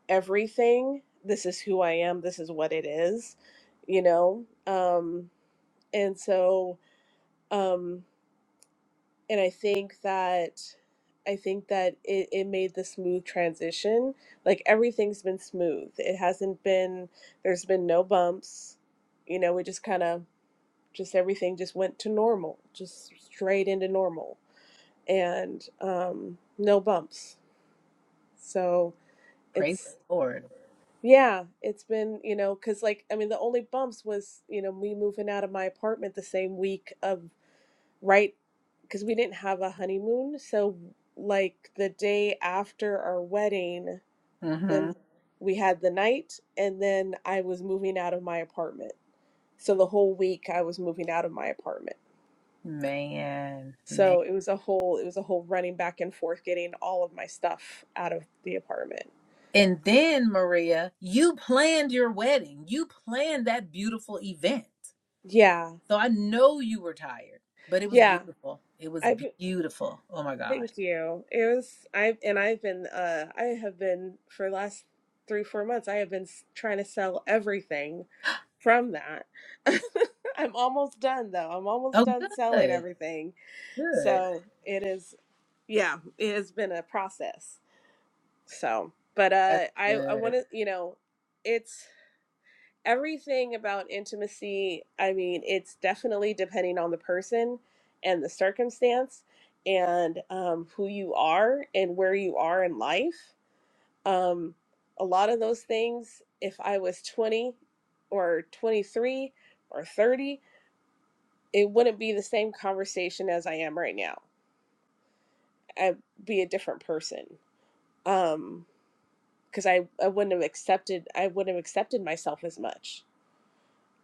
Speaker 7: everything this is who I am this is what it is you know Um, and so um and i think that i think that it, it made the smooth transition like everything's been smooth it hasn't been there's been no bumps you know we just kind of just everything just went to normal just straight into normal and um no bumps so
Speaker 1: praise
Speaker 7: it's
Speaker 1: the Lord.
Speaker 7: yeah it's been you know because like i mean the only bumps was you know me moving out of my apartment the same week of right because we didn't have a honeymoon so like the day after our wedding
Speaker 1: hmm
Speaker 7: then we had the night and then i was moving out of my apartment so the whole week i was moving out of my apartment
Speaker 1: Man, man.
Speaker 7: so it was a whole it was a whole running back and forth getting all of my stuff out of the apartment
Speaker 1: And then Maria, you planned your wedding. You planned that beautiful event.
Speaker 7: yeah
Speaker 1: So I know you were tired, but it was
Speaker 7: yeah
Speaker 1: beautiful. It was
Speaker 7: I've.
Speaker 1: beautiful. Oh my gosh.
Speaker 7: Thank you. It was I and I've been uh I have been for the last three, four months, I have been s- trying to sell everything from that. I'm almost done though. I'm almost
Speaker 1: Oh,
Speaker 7: done selling
Speaker 1: good,
Speaker 7: everything.
Speaker 1: good.
Speaker 7: So it is yeah, it has been a process. So but
Speaker 1: That's
Speaker 7: uh I I
Speaker 1: good.
Speaker 7: wanna you know, everything about intimacy, I mean, it's definitely depending on the person and the circumstance and um, who you are and where you are in life. Um, a lot of those things, if I was 20 or 23 or 30, it wouldn't be the same conversation as I am right now. I'd be a different person. Um, because I, I wouldn't have accepted I wouldn't have accepted myself as much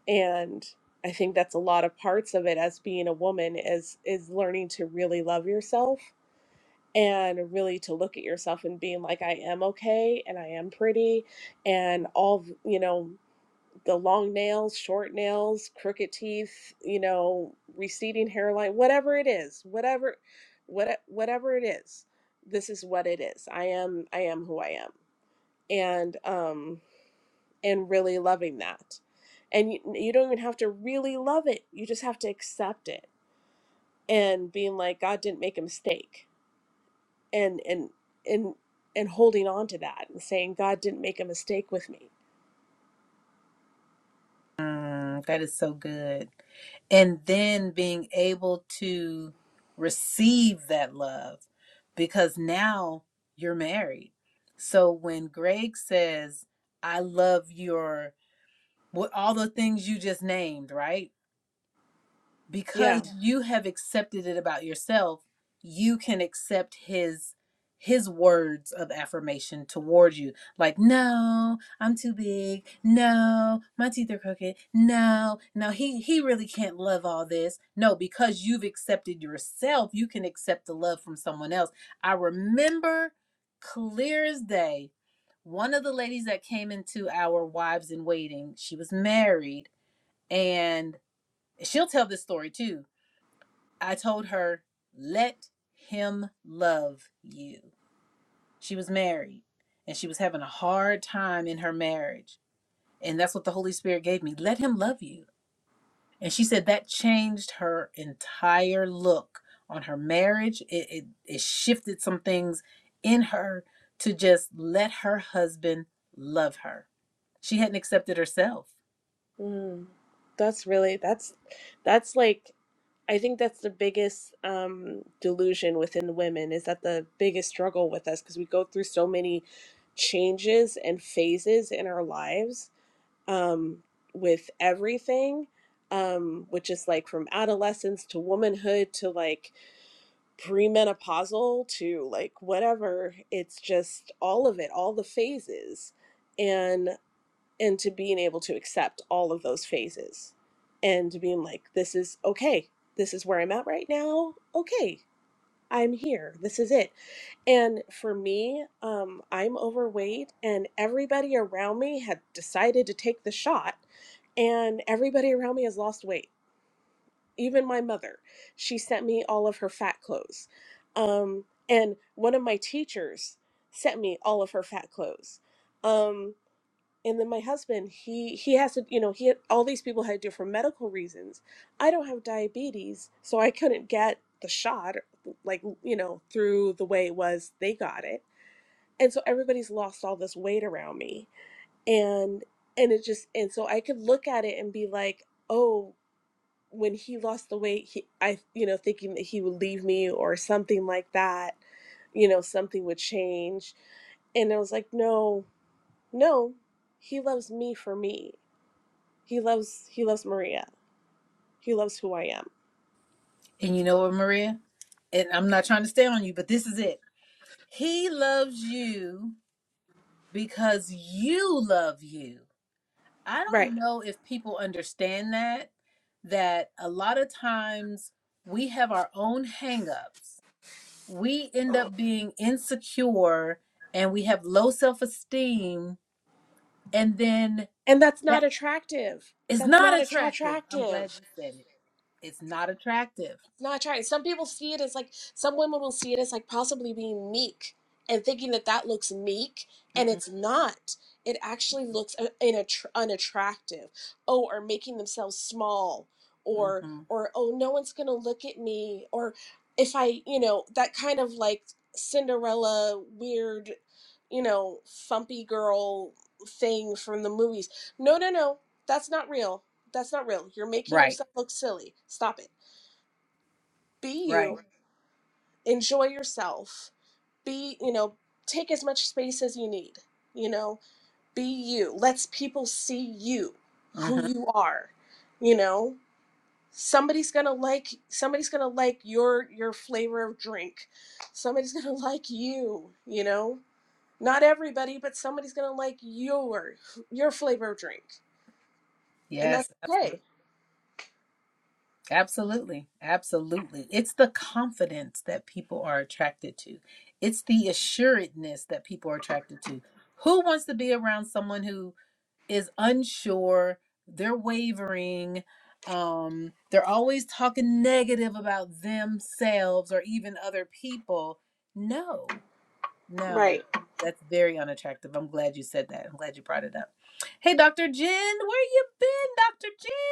Speaker 7: and i think that's a lot of parts of it as being a woman is is learning to really love yourself and really to look at yourself and being like i am okay and i am pretty and all you know the long nails short nails crooked teeth you know receding hairline whatever it is whatever what, whatever it is this is what it is i am i am who i am and um and really loving that. And you, you don't even have to really love it. You just have to accept it and being like God didn't make a mistake. And and and and holding on to that and saying God didn't make a mistake with me.
Speaker 1: Mm, that is so good. And then being able to receive that love because now you're married. So when Greg says, I love your, what all the things you just named, right? because
Speaker 7: Yeah.
Speaker 1: Yeah. you have accepted it about yourself you can accept his his words of affirmation towards you like no i'm too big no my teeth are crooked no no he he really can't love all this no because you've accepted yourself you can accept the love from someone else i remember clear as day one of the ladies that came into our wives in waiting she was married and she'll tell this story too I told her, let him love you. She was married and she was having a hard time in her marriage. And that's what the Holy Spirit gave me. Let him love you. And she said that changed her entire look on her marriage. It, it, it shifted some things in her to just let her husband love her. She hadn't accepted herself.
Speaker 7: Mm. That's really that's that's like I think that's the biggest um delusion within women is that the biggest struggle with us because we go through so many changes and phases in our lives um, with everything, um, which is like from adolescence to womanhood to like premenopausal to like whatever. It's just all of it, all the phases, and and to being able to accept all of those phases, and to being like, this is okay. This is where I'm at right now. Okay, I'm here. This is it. And for me, um, I'm overweight, and everybody around me had decided to take the shot, and everybody around me has lost weight. Even my mother, she sent me all of her fat clothes. Um, and one of my teachers sent me all of her fat clothes. Um, and then my husband he he has to you know he had, all these people had different medical reasons i don't have diabetes so i couldn't get the shot like you know through the way it was they got it and so everybody's lost all this weight around me and and it just and so i could look at it and be like oh when he lost the weight he i you know thinking that he would leave me or something like that you know something would change and I was like, no, no, he loves me for me he loves he loves Maria. He loves who I am.
Speaker 1: And you know what, Maria? And I'm not trying to stay on you, but this is it. He loves you because you love you. I
Speaker 7: Right.
Speaker 1: don't know if people understand that that a lot of times we have our own hangups. We end up being insecure and we have low self-esteem and then
Speaker 7: And that's not
Speaker 1: that
Speaker 7: attractive.
Speaker 1: is
Speaker 7: That's
Speaker 1: not
Speaker 7: not attra-
Speaker 1: attractive. I'm
Speaker 7: attractive.
Speaker 1: glad you said it. It's not attractive.
Speaker 7: Not trying. Some people see it as like some women will see it as like possibly being meek and thinking that that looks meek, and
Speaker 1: Mm-mm,
Speaker 7: it's not. It actually looks uh, inattr- unattractive. Oh, or making themselves small, or
Speaker 1: hmm
Speaker 7: or oh, no one's gonna look at me, or if I, you know, that kind of like Cinderella weird, you know, fumpy girl thing from the movies. No, no, no, that's not real. That's not real. You're making
Speaker 1: Right.
Speaker 7: yourself look silly. Stop it. Be you
Speaker 1: Right.
Speaker 7: enjoy yourself be you know take as much space as you need you know be you let's people see you
Speaker 1: hmm
Speaker 7: who you are you know somebody's gonna like somebody's gonna like your your flavor of drink somebody's gonna like you you know not everybody but somebody's gonna like your your flavor of drink and that's
Speaker 1: Yes.
Speaker 7: okay
Speaker 1: Absolutely. Absolutely. It's the confidence that people are attracted to. It's the assuredness that people are attracted to. Who wants to be around someone who is unsure, they're wavering, um, they're always talking negative about themselves or even other people? No, no.
Speaker 7: right
Speaker 1: That's very unattractive. I'm glad you said that. I'm glad you brought it up. Hey, Dr. Jen, where you been, Dr. Jen?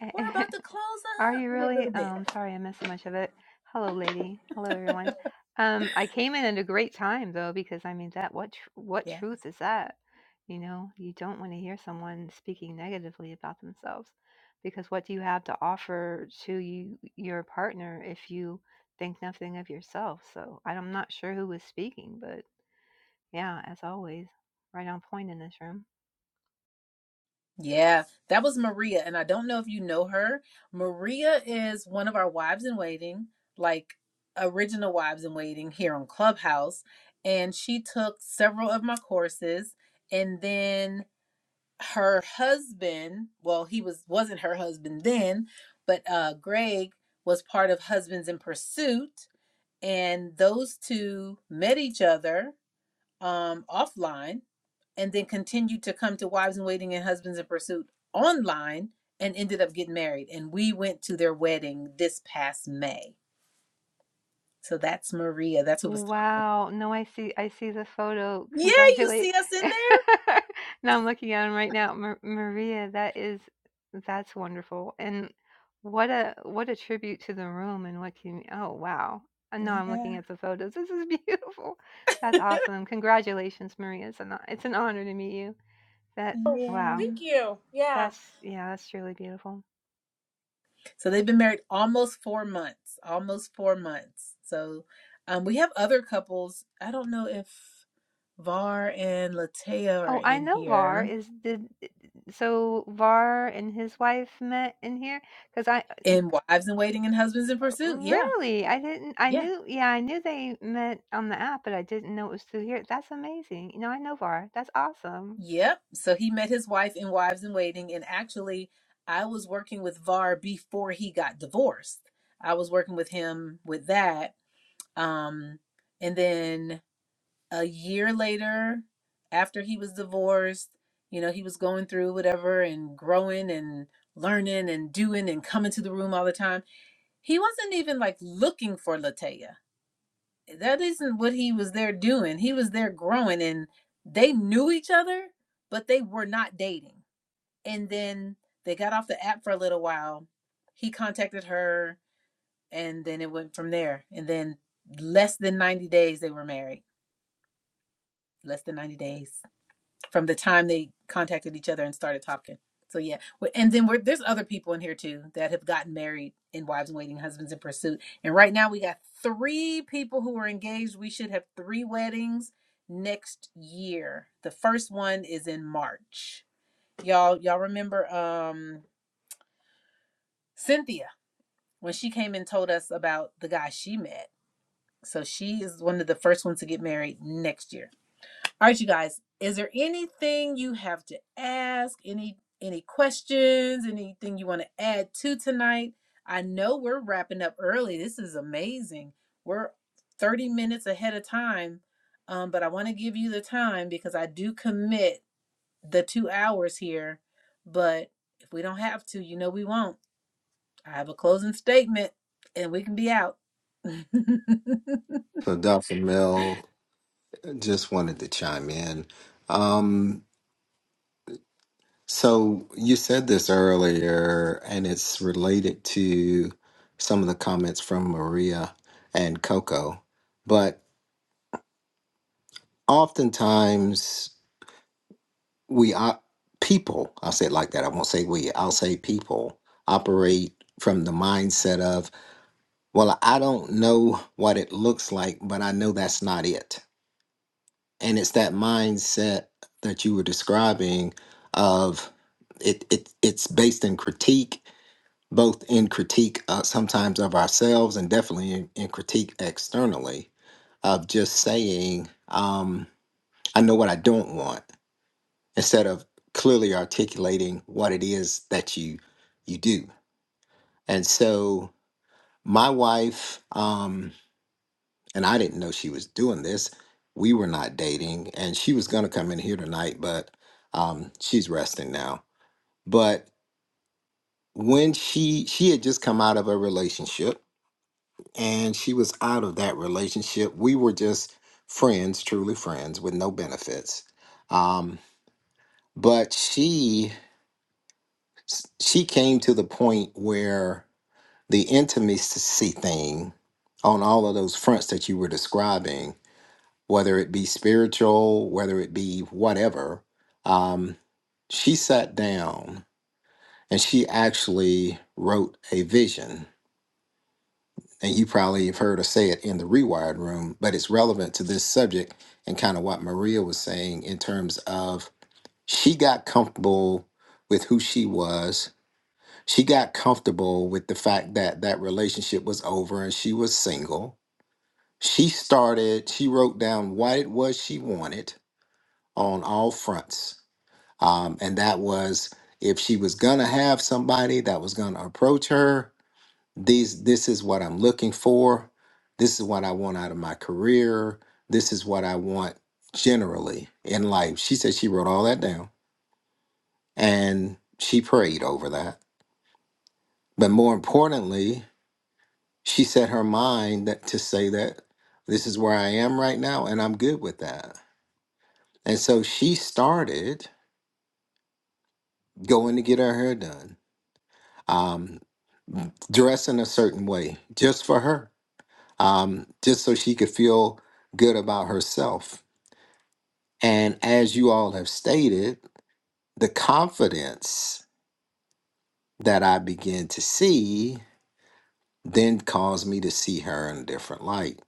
Speaker 1: We're about to close
Speaker 8: Are
Speaker 1: up
Speaker 8: you
Speaker 1: in a
Speaker 8: really?
Speaker 1: little bit.
Speaker 8: Um, sorry, I missed so much of it. Hello, lady. Hello, everyone. Um, I came in at a great time though, because I mean that what tr- what
Speaker 1: Yeah.
Speaker 8: truth is that? You know, you don't want to hear someone speaking negatively about themselves, because what do you have to offer to you your partner if you think nothing of yourself? So I'm not sure who was speaking, but yeah, as always, right on point in this room.
Speaker 1: Yeah. That was Maria. And I don't know if you know her. Maria is one of our wives in waiting, like original wives in waiting here on Clubhouse. And she took several of my courses. And then her husband, well, he was wasn't her husband then, but uh Greg was part of Husbands in Pursuit. And those two met each other um offline and then continued to come to Wives in Waiting and Husbands in Pursuit online and ended up getting married. And we went to their wedding this past May. So that's Maria. That's who was talking.
Speaker 8: Wow. No, I see I see the photo.
Speaker 1: Yeah, you
Speaker 8: Congratulate.
Speaker 1: see us in
Speaker 8: Now I'm looking at him right now. Mar Maria, that is that's wonderful. And what a what a tribute to the room and what can oh wow. And now I'm looking
Speaker 1: there?
Speaker 8: at the photos. This is beautiful. That's
Speaker 1: Yeah.
Speaker 8: awesome. Congratulations, Maria. It's an it's an honor to meet you. That wow.
Speaker 1: Yay.
Speaker 7: thank you yeah
Speaker 8: That's yeah, that's truly beautiful.
Speaker 1: So they've been married almost four months. Almost four months. So um, we have other couples. I don't know if Var and Latea are
Speaker 8: Oh, I
Speaker 1: in
Speaker 8: know Var
Speaker 1: here.
Speaker 8: is did so Var and his wife met in here because I
Speaker 1: In Wives in Waiting and Husbands in Pursuit. Yeah.
Speaker 8: Really? I didn't I
Speaker 1: Yeah.
Speaker 8: knew yeah, I knew they met on the app, but I didn't know it was through here. That's amazing. You know, I know Var. That's awesome.
Speaker 1: Yep. So he met his wife in Wives in Waiting. And actually, I was working with Var before he got divorced. I was working with him with that. Um, and then a year later, after he was divorced, you know, he was going through whatever and growing and learning and doing and coming to the room all the time. He wasn't even like looking for Latoya that isn't what he was there doing. He was there growing and they knew each other, but they were not dating. And then they got off the app for a little while. He contacted her and then it went from there. And then less than 90 days they were married. Less than 90 days from the time they contacted each other and started talking. So yeah, Well, and then we're, there's other people in here too that have gotten married in wives in waiting, husbands in pursuit, and right now we got three people who are engaged. We should have three weddings next year. The first one is in March. Y'all, y'all remember um, Cynthia when she came and told us about the guy she met. So she is one of the first ones to get married next year. All right, you guys. Is there anything you have to ask? Any any questions? Anything you want to add to tonight? I know we're wrapping up early. This is amazing. We're 30 minutes ahead of time. Um, but I want to give you the time because I do commit the two hours here. But if we don't have to, you know we won't. I have a closing statement and we can be out.
Speaker 4: So Dr. Mel, Just wanted to chime in. Um, so you said this earlier, and it's related to some of the comments from Maria and Coco. But oftentimes, we are people. I'll say it like that. I won't say we. I'll say people operate from the mindset of, well, I don't know what it looks like, but I know that's not it and it's that mindset that you were describing of it, it it's based in critique both in critique uh, sometimes of ourselves and definitely in, in critique externally of just saying um, i know what i don't want instead of clearly articulating what it is that you you do and so my wife um, and I didn't know she was doing this. We were not dating, and she was going to come in here tonight, but um, she's resting now. But when she she had just come out of a relationship, and she was out of that relationship, we were just friends, truly friends, with no benefits. Um, but she she came to the point where the intimacy thing on all of those fronts that you were describing whether it be spiritual, whether it be whatever, um, she sat down and she actually wrote a vision. And you probably have heard her say it in the Rewired Room, but it's relevant to this subject and kind of what Maria was saying in terms of she got comfortable with who she was. She got comfortable with the fact that that relationship was over and she was single. She started, she wrote down what it was she wanted on all fronts Um, and that was if she was going to have somebody that was going to approach her, these, this is what I'm looking for. This is what I want out of my career. This is what I want generally in life. She said she wrote all that down and she prayed over that. But more importantly, she set her mind that, to say that this is where I am right now and I'm good with that. And so she started going to get her hair done. Um, dress in a certain way just for her, um, just so she could feel good about herself. And as you all have stated, the confidence that I began to see then caused me to see her in a different light.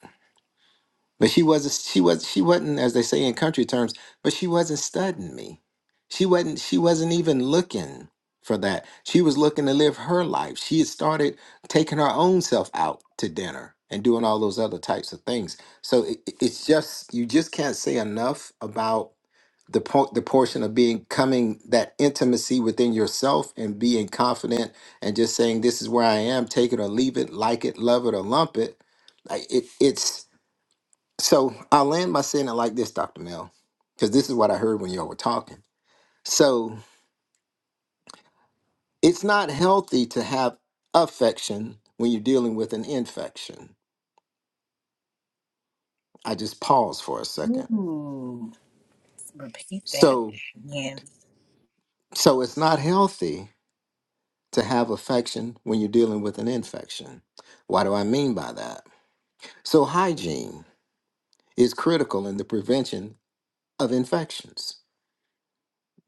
Speaker 4: But she wasn't she was she wasn't, as they say in country terms, but she wasn't studying me. She wasn't she wasn't even looking for that. She was looking to live her life. She had started taking her own self out to dinner and doing all those other types of things. So it, it- it's just you just can't say enough about the po- the portion of being coming that intimacy within yourself and being confident and just saying this is where I am, take it or leave it, like it, love it or lump it. Like it it's so i land by saying it like this, Dr. Mel, because this is what I heard when y'all were talking. So it's not healthy to have affection when you're dealing with an infection. I just pause for a second.
Speaker 1: Ooh, repeat that.
Speaker 4: So
Speaker 1: Yeah.
Speaker 4: so it's not healthy to have affection when you're dealing with an infection. What do I mean by that? So hygiene is critical in the prevention of infections.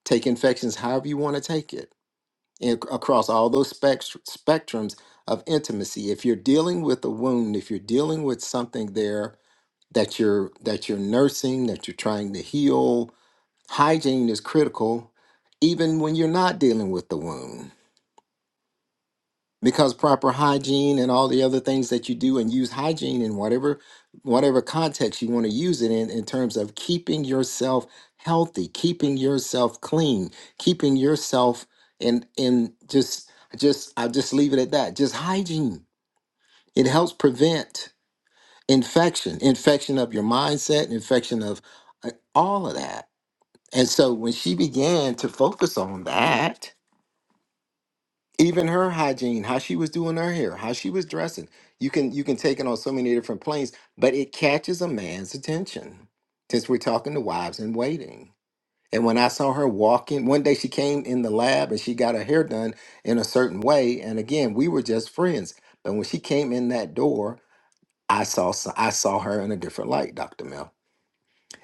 Speaker 4: Take infections however you want to take it ac- across all those spect- spectrums of intimacy if you're dealing with a wound if you're dealing with something there that you're that you're nursing that you're trying to heal hygiene is critical even when you're not dealing with the wound because proper hygiene and all the other things that you do and use hygiene in whatever whatever context you want to use it in in terms of keeping yourself healthy keeping yourself clean keeping yourself in in just just i'll just leave it at that just hygiene it helps prevent infection infection of your mindset infection of uh, all of that and so when she began to focus on that even her hygiene how she was doing her hair how she was dressing you can you can take it on so many different planes but it catches a man's attention since we're talking to wives in waiting and when i saw her walking one day she came in the lab and she got her hair done in a certain way and again we were just friends but when she came in that door i saw so- i saw her in a different light dr mel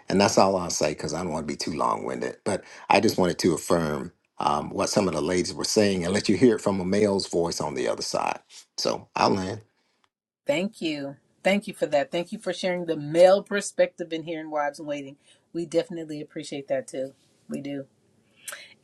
Speaker 4: and that's all I'll say because I don't want to be too long winded. But I just wanted to affirm um, what some of the ladies were saying and let you hear it from a male's voice on the other side. So I'll land.
Speaker 1: Thank you. Thank you for that. Thank you for sharing the male perspective in here in Wives in Waiting. We definitely appreciate that too. We do.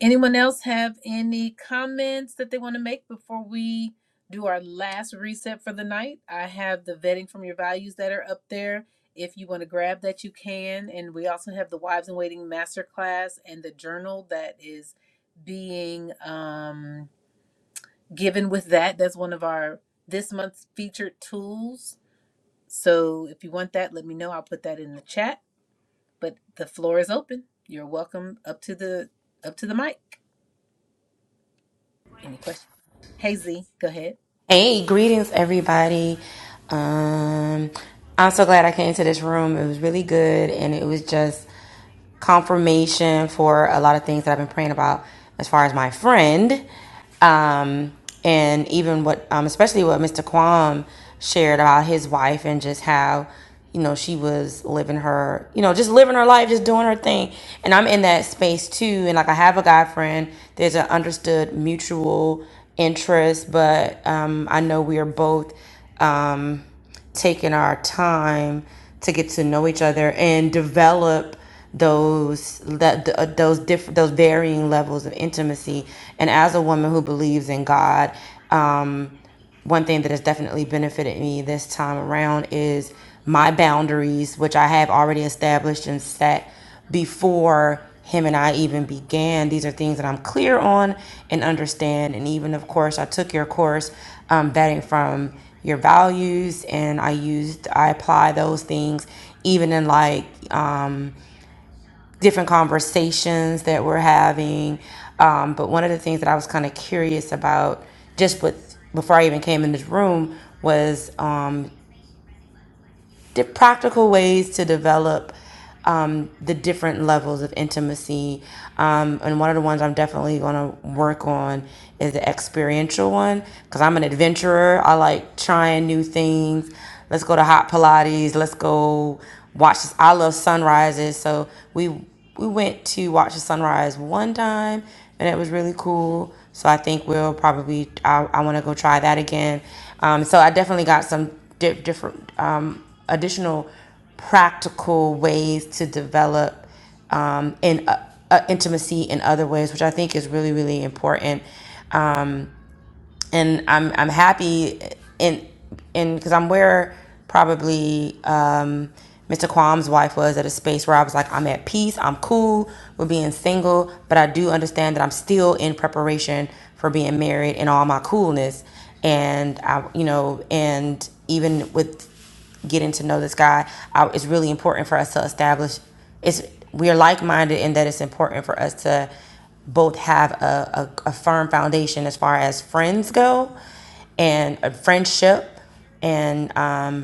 Speaker 1: Anyone else have any comments that they want to make before we do our last reset for the night? I have the vetting from your values that are up there. If you want to grab that, you can. And we also have the Wives in Waiting Masterclass and the journal that is being um, given with that. That's one of our this month's featured tools so if you want that, let me know. I'll put that in the chat. But the floor is open. You're welcome up to the up to the mic. Any questions? Hey Z, go ahead.
Speaker 9: Hey, greetings, everybody. Um, I'm so glad I came to this room. It was really good, and it was just confirmation for a lot of things that I've been praying about as far as my friend, um, and even what, um, especially what Mr. Kwam shared about his wife and just how you know, she was living her, you know, just living her life, just doing her thing. And I'm in that space too. And like I have a guy friend, there's an understood mutual interest, but um, I know we are both um, taking our time to get to know each other and develop those that th- uh, those different those varying levels of intimacy and as a woman who believes in god um one thing that has definitely benefited me this time around is my boundaries, which I have already established and set before him and I even began. These are things that I'm clear on and understand. And even, of course, I took your course um, vetting from your values, and I used, I apply those things even in like, um different conversations that we're having. Um, but one of the things that I was kind of curious about, just with before I even came in this room, was um, the practical ways to develop um, the different levels of intimacy. Um, and one of the ones I'm definitely going to work on is the experiential one because I'm an adventurer. I like trying new things. Let's go to hot Pilates. Let's go watch. this. I love sunrises. So we we went to watch the sunrise one time and it was really cool so i think we'll probably i, I want to go try that again um, so i definitely got some di- different um, additional practical ways to develop um, in uh, uh, intimacy in other ways which i think is really really important Um, and I'm I'm happy in in because I'm where probably um, Mr. Kwam's wife was at a space where I was like I'm at peace, I'm cool with being single, but I do understand that I'm still in preparation for being married and all my coolness, and I you know and even with getting to know this guy, I, it's really important for us to establish. It's we are like minded in that it's important for us to both have a, a, a firm foundation as far as friends go, and a friendship, and um,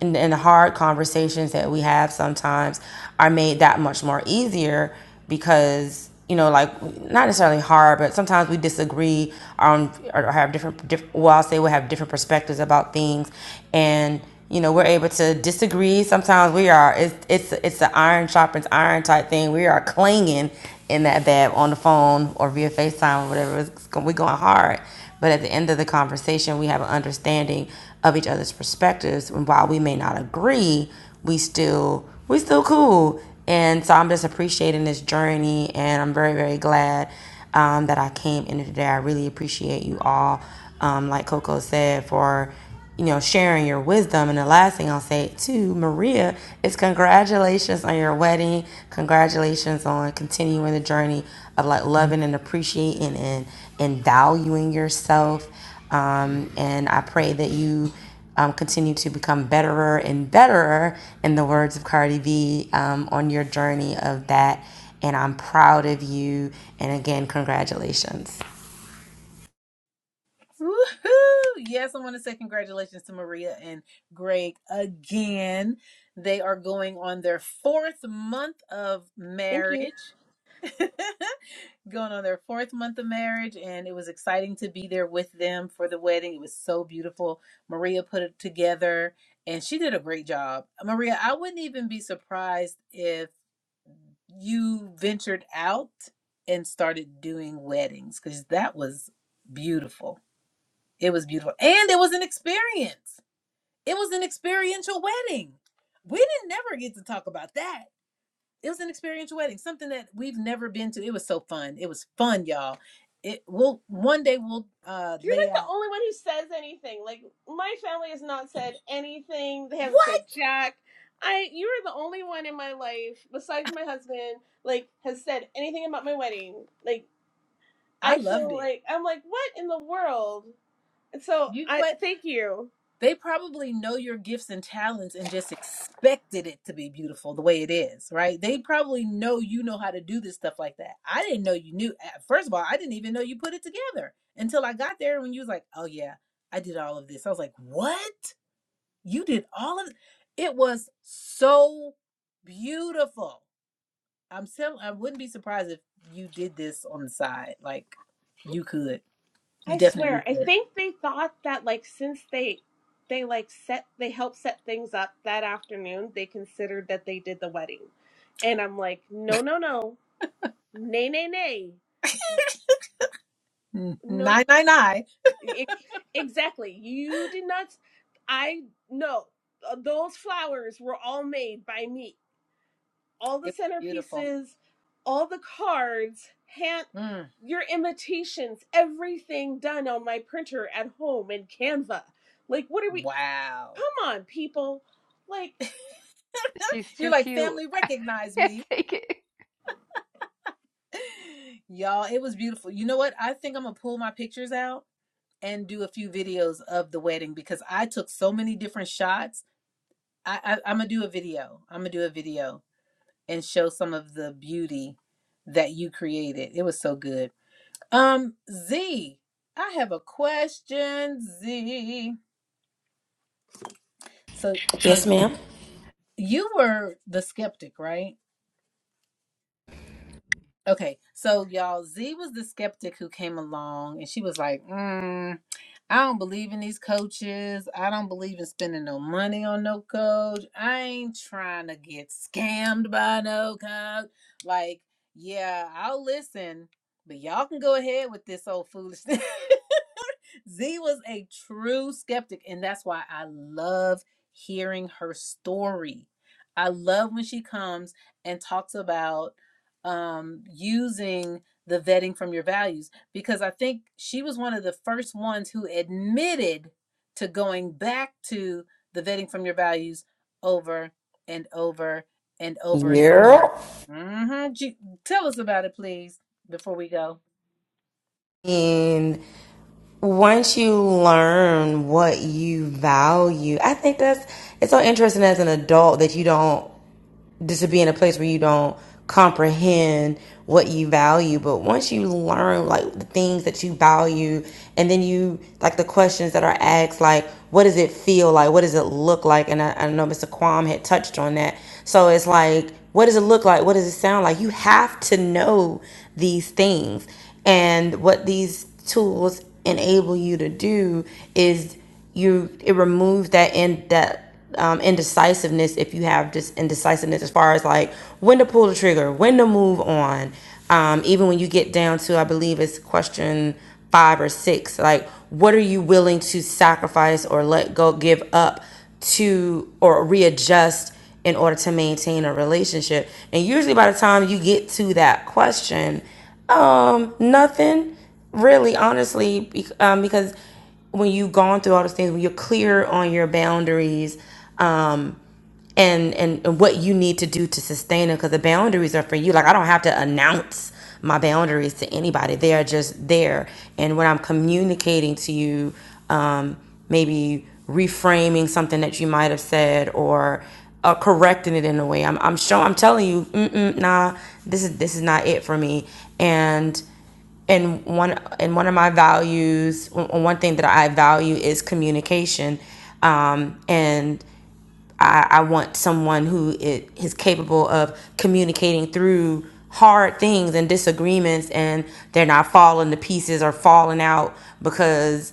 Speaker 9: and, and the hard conversations that we have sometimes are made that much more easier because you know like not necessarily hard but sometimes we disagree on or have different diff, well i'll say we have different perspectives about things and you know we're able to disagree sometimes we are it's it's it's the iron sharpens iron type thing we are clinging in that bad on the phone or via facetime or whatever it's, go- we going hard but at the end of the conversation, we have an understanding of each other's perspectives, and while we may not agree, we still we still cool. And so I'm just appreciating this journey, and I'm very very glad um, that I came in today. I really appreciate you all, um, like Coco said, for you know, sharing your wisdom. And the last thing I'll say to Maria is congratulations on your wedding. Congratulations on continuing the journey of like loving and appreciating and, and valuing yourself. Um, and I pray that you um, continue to become betterer and betterer, in the words of Cardi B, um, on your journey of that. And I'm proud of you. And again, congratulations.
Speaker 1: Woohoo! Yes, I want to say congratulations to Maria and Greg again. They are going on their fourth month of
Speaker 7: thank you
Speaker 1: marriage. going on their fourth month of marriage, and it was exciting to be there with them for the wedding. It was so beautiful. Maria put it together, and she did a great job. Maria, I wouldn't even be surprised if you ventured out and started doing weddings because that was beautiful. It was beautiful. And it was an experience. It was an experiential wedding. We didn't never get to talk about that. It was an experiential wedding, something that we've never been to. It was so fun. It was fun, y'all. It will one day we'll uh
Speaker 7: You're
Speaker 1: lay
Speaker 7: like the
Speaker 1: out.
Speaker 7: only one who says anything. Like my family has not said anything. They haven't
Speaker 1: What?
Speaker 7: said jack. I you are the only one in my life besides my husband like has said anything about my wedding. Like
Speaker 1: I
Speaker 7: I
Speaker 1: loved
Speaker 7: feel
Speaker 1: it.
Speaker 7: like I'm like what in the world? And so
Speaker 1: You know
Speaker 7: I
Speaker 1: what?
Speaker 7: thank you.
Speaker 1: They probably know your gifts and talents and just expected it to be beautiful the way it is, right? They probably know you know how to do this stuff like that. I didn't know you knew. First of all, I didn't even know you put it together until I got there when you was like, "Oh yeah, I did all of this." I was like, "What? You did all of it It was so beautiful." I'm still I wouldn't be surprised if you did this on the side. Like you could. You
Speaker 7: I
Speaker 1: definitely
Speaker 7: swear I
Speaker 1: could.
Speaker 7: think they thought that like since they they like set they helped set things up that afternoon, they considered that they did the wedding. And I'm like, "No, no, no. Nay, nay, nay.
Speaker 1: Mm,
Speaker 7: No
Speaker 1: Nine nine nine.
Speaker 7: E- Exactly. You did not. I know Uh, those flowers were all made by me. All the
Speaker 1: It was beautiful.
Speaker 7: centerpieces, all the cards, hand,
Speaker 1: Mm.
Speaker 7: your imitations, everything done on my printer at home in Canva. Like, what are we?
Speaker 1: Wow.
Speaker 7: Come on, people! Like.
Speaker 8: She's
Speaker 1: You're
Speaker 8: too
Speaker 1: like,
Speaker 8: cute.
Speaker 1: family,
Speaker 8: I
Speaker 1: recognize
Speaker 8: can't
Speaker 1: me.
Speaker 8: take it.
Speaker 1: Y'all, it was beautiful. You know what? I think I'm going to pull my pictures out and do a few videos of the wedding because I took so many different shots. I, I, I'm going to do a video. I'm going to do a video and show some of the beauty that you created. It was so good. Um, Z, I have a question, Z. So
Speaker 9: Yes, ma'am.
Speaker 1: you were the skeptic, right? Okay, so y'all, Z was the skeptic who came along and she was like, mm, I don't believe in these coaches. I don't believe in spending no money on no coach. I ain't trying to get scammed by no coach. Like, yeah, I'll listen, but y'all can go ahead with this old foolishness. Z was a true skeptic, and that's why I love hearing her story. I love when she comes and talks about um, using the vetting from your values because I think she was one of the first ones who admitted to going back to the vetting from your values over and over and over.
Speaker 9: Yeah.
Speaker 1: Mm-hmm. Ju- Tell us about it, please, before we go.
Speaker 9: And once you learn what you value, I think that's it's so interesting as an adult that you don't just to be in a place where you don't comprehend what you value but once you learn like the things that you value and then you like the questions that are asked like what does it feel like what does it look like and i, I know mr Kwam had touched on that so it's like what does it look like what does it sound like you have to know these things and what these tools enable you to do is you it removes that in that um, indecisiveness if you have just indecisiveness as far as like when to pull the trigger when to move on um, even when you get down to i believe it's question five or six like what are you willing to sacrifice or let go give up to or readjust in order to maintain a relationship and usually by the time you get to that question um nothing really honestly bec- um, because when you've gone through all those things, when you're clear on your boundaries, um, and and and what you need to do to sustain them because the boundaries are for you like i don't have to announce my boundaries to anybody they are just there and when i'm communicating to you um, maybe reframing something that you might have said or uh, correcting it in a way i'm, I'm showing i'm telling you Mm-mm, nah this is this is not it for me and and one and one of my values one one thing that i value is communication um, and I, I want someone who i- is capable of communicating through hard things and disagreements and they're not falling to pieces or falling out because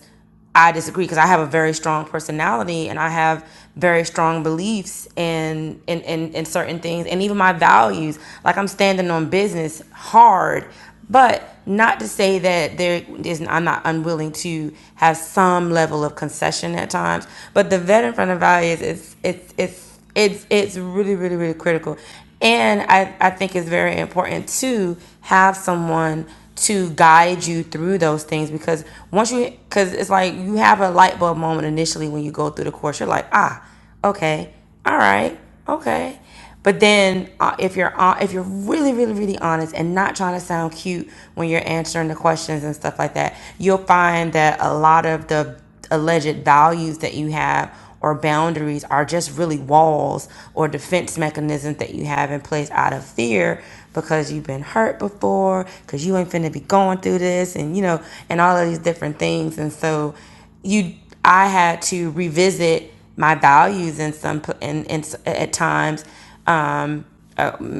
Speaker 9: I disagree because I have a very strong personality and I have very strong beliefs in in, in in certain things and even my values. Like I'm standing on business hard, but not to say that there is I'm not unwilling to have some level of concession at times. But the vet in front of values is it's it's it's it's it's really really really critical and i i think it's very important to have someone to guide you through those things because once you because it's like you have a light bulb moment initially when you go through the course you're like ah okay all right okay but then, uh, if you're uh, if you're really, really, really honest and not trying to sound cute when you're answering the questions and stuff like that, you'll find that a lot of the alleged values that you have or boundaries are just really walls or defense mechanisms that you have in place out of fear because you've been hurt before, because you ain't finna be going through this, and you know, and all of these different things. And so you I had to revisit my values in some in, in at times um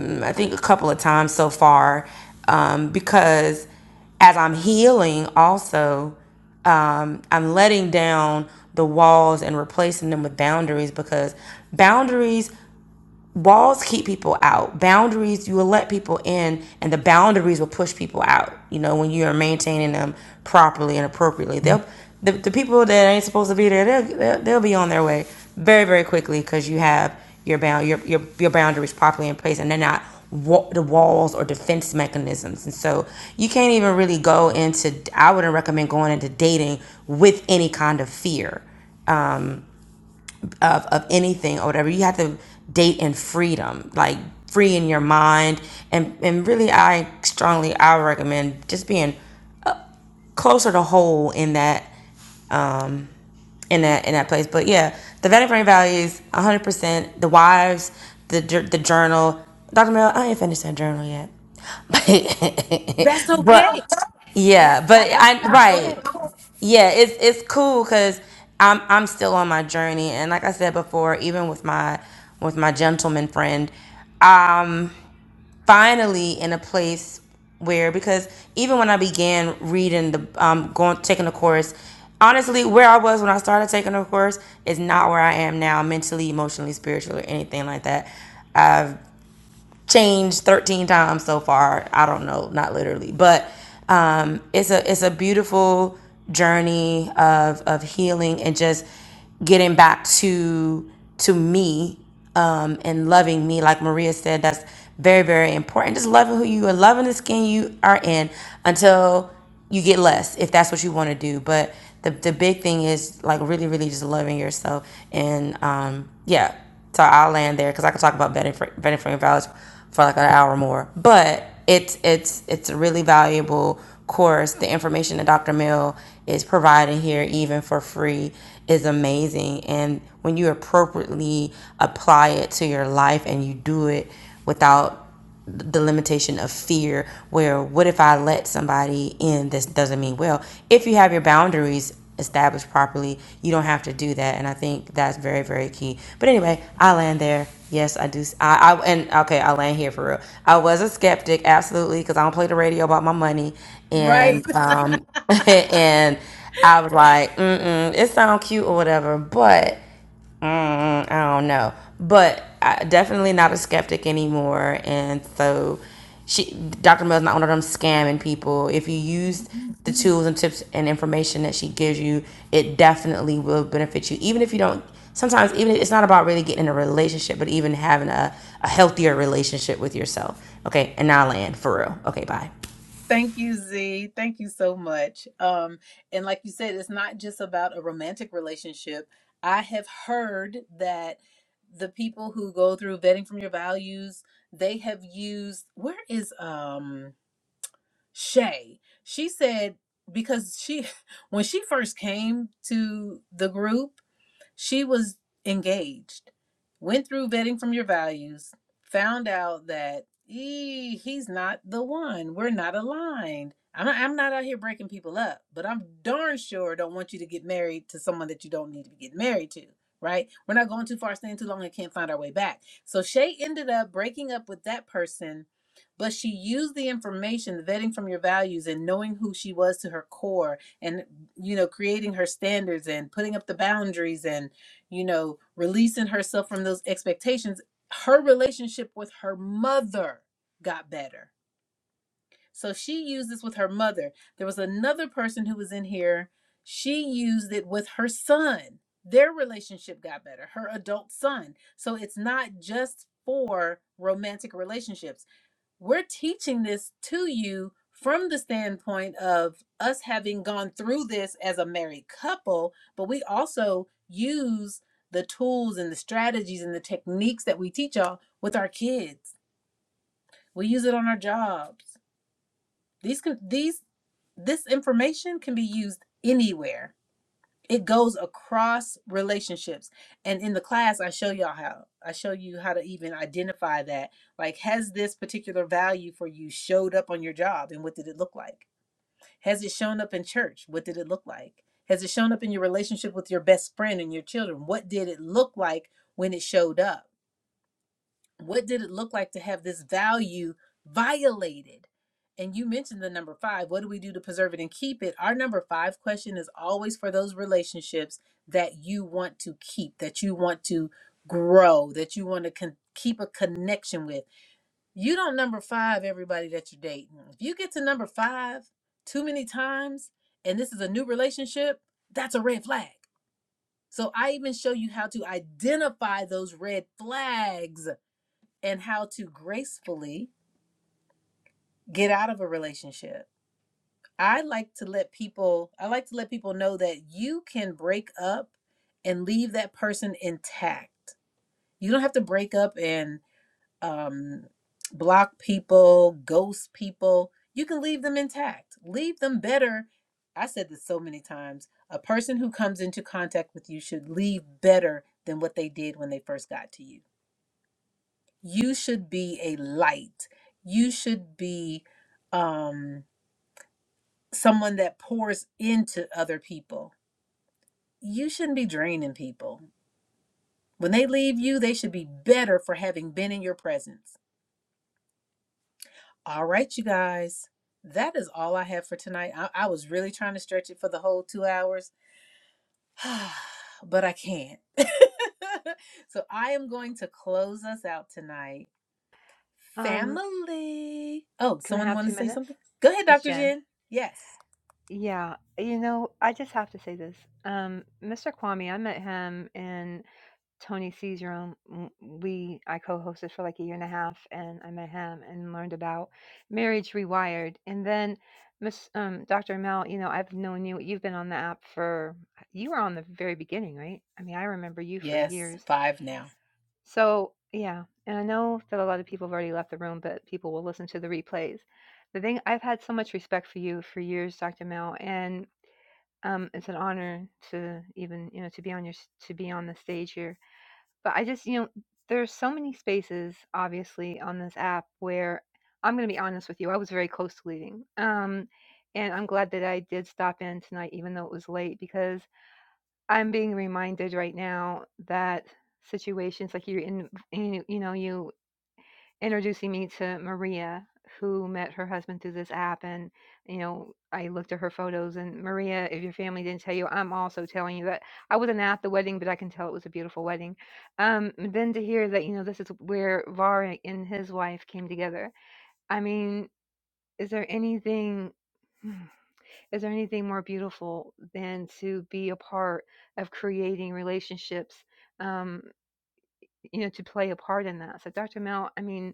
Speaker 9: I think a couple of times so far um because as I'm healing also I'm letting down the walls and replacing them with boundaries because boundaries walls keep people out boundaries you will let people in and the boundaries will push people out you know when you're maintaining them properly and appropriately they'll the, the people that ain't supposed to be there they'll, they'll, they'll be on their way very very quickly because you have your bound your, your your boundaries properly in place and they're not wa- the walls or defense mechanisms and so you can't even really go into i wouldn't recommend going into dating with any kind of fear anything or whatever. You have to date in freedom, like free in your mind. And, and really, I strongly, I recommend just being closer to whole in that, um, in that, in that place. But yeah, the vetting frame values, 100%, the wives, the, the journal. Dr. Mel, I ain't finished that journal yet.
Speaker 1: That's
Speaker 9: but
Speaker 1: okay.
Speaker 9: but
Speaker 1: That's
Speaker 9: yeah, but I,
Speaker 1: absolutely
Speaker 9: right
Speaker 1: okay.
Speaker 9: yeah, it's it's cool because I'm I'm still on my journey, and like I said before, even with my with my gentleman friend, I'm finally in a place where because even when I began reading the um going taking the course, honestly, where I was when I started taking the course is not where I am now mentally, emotionally, spiritually, or anything like that changed 13 times so far. I don't know, not literally, but um, it's a it's a beautiful journey of of healing and just getting back to to me um, and loving me, like Maria said. That's very very important. Just loving who you are, loving the skin you are in until you get less if that's what you want to do. But the the big thing is like really really just loving yourself and um, yeah so I'll land there because I could talk about vetting fr- vetting frame values for like an hour more. But it's it's it's a really valuable course. The information that Dr. Mill is providing here, even for free, is amazing. And when you appropriately apply it to your life and you do it without the limitation of fear where what if I let somebody in this doesn't mean well. If you have your boundaries established properly, you don't have to do that and I think that's very very key. But anyway, I land there. Yes, I do. I I and okay, I land here for real. I was a skeptic absolutely cuz I don't play the radio about my money and
Speaker 1: Right.
Speaker 9: um and I was like, mm-mm, it sounds cute or whatever, but don't I don't know, but I, definitely not a skeptic anymore. And so, she Dr. Mill's not one of them scamming people. If you use
Speaker 1: Mhm.
Speaker 9: the tools and tips and information that she gives you, it definitely will benefit you. Even if you don't, sometimes even it's not about really getting in a relationship, but even having a, a healthier relationship with yourself. Okay, and now I land for real. Okay, bye.
Speaker 1: Thank you, Z. Thank you so much. Um, and like you said, it's not just about a romantic relationship. I have heard that the people who go through vetting from your values, they have used where is um Shay? She said because she when she first came to the group, She was engaged, went through vetting from your values, found out that "Ee, he's not the one. We're not aligned. I'm not, I'm not out here breaking people up, but I'm darn sure don't want you to get married to someone that you don't need to be getting married to. Right? We're not going too far, staying too long, and can't find our way back. So Shay ended up breaking up with that person, but she used the information, the vetting from your values, and knowing who she was to her core and you know creating her standards and putting up the boundaries and you know releasing herself from those expectations her relationship with her mother got better so she used this with her mother there was another person who was in here she used it with her son their relationship got better her adult son so it's not just for romantic relationships we're teaching this to you from the standpoint of us having gone through this as a married couple, but we also use the tools and the strategies and the techniques that we teach y'all with our kids. We use it on our jobs. These can these this information can be used anywhere it goes across relationships and in the class i show y'all how i show you how to even identify that like has this particular value for you showed up on your job and what did it look like has it shown up in church what did it look like has it shown up in your relationship with your best friend and your children what did it look like when it showed up what did it look like to have this value violated? And you mentioned the number five. What do we do to preserve it and keep it? Our number five question is always for those relationships that you want to keep, that you want to grow, that you want to con- keep a connection with. You don't number five everybody that you're dating. If you get to number five too many times and this is a new relationship, that's a red flag. So I even show you how to identify those red flags and how to gracefully get out of a relationship. I like to let people I like to let people know that you can break up and leave that person intact. You don't have to break up and um block people, ghost people. You can leave them intact. Leave them better. I said this so many times. A person who comes into contact with you should leave better than what they did when they first got to you you should be a light you should be um someone that pours into other people you shouldn't be draining people when they leave you they should be better for having been in your presence all right you guys that is all i have for tonight i, I was really trying to stretch it for the whole two hours but i can't so i am going to close us out tonight
Speaker 8: Um,
Speaker 1: Family. Oh,
Speaker 8: can I
Speaker 1: someone
Speaker 8: have
Speaker 1: want
Speaker 8: two
Speaker 1: to say
Speaker 8: minutes?
Speaker 1: something? Go ahead,
Speaker 8: Miss
Speaker 1: Dr.
Speaker 8: Jen.
Speaker 1: Jen. Yes.
Speaker 8: Yeah, you know, I just have to say this. Um, Mr. Kwame, I met him in. Tony C's room, we I co-hosted for like a year and a half, and I met him and learned about marriage rewired. And then, Miss um, Dr. Mel, you know I've known you. You've been on the app for you were on the very beginning, right? I mean, I remember you for
Speaker 1: Yes,
Speaker 8: years.
Speaker 1: five now.
Speaker 8: So yeah, and I know that a lot of people have already left the room, but people will listen to the replays. The thing I've had so much respect for you for years, Dr. Mel, and um, it's an honor to even you know to be on your s- to be on the stage here but I just, you know, there's so many spaces obviously on this app where I'm going to be honest with you, I was very close to leaving. Um and I'm glad that I did stop in tonight even though it was late because I'm being reminded right now that situations like you're in you, you know you introducing me to Maria, who met her husband through this app. And, you know, I looked at her photos. And Maria, if your family didn't tell you, I'm also telling you that I wasn't at the wedding, but I can tell it was a beautiful wedding. Um, then to hear that, you know, this is where Varek and his wife came together. I mean, is there anything. hmm, Is there anything more beautiful than to be a part of creating relationships um, you know, to play a part in that. So, Dr. Mel, I mean,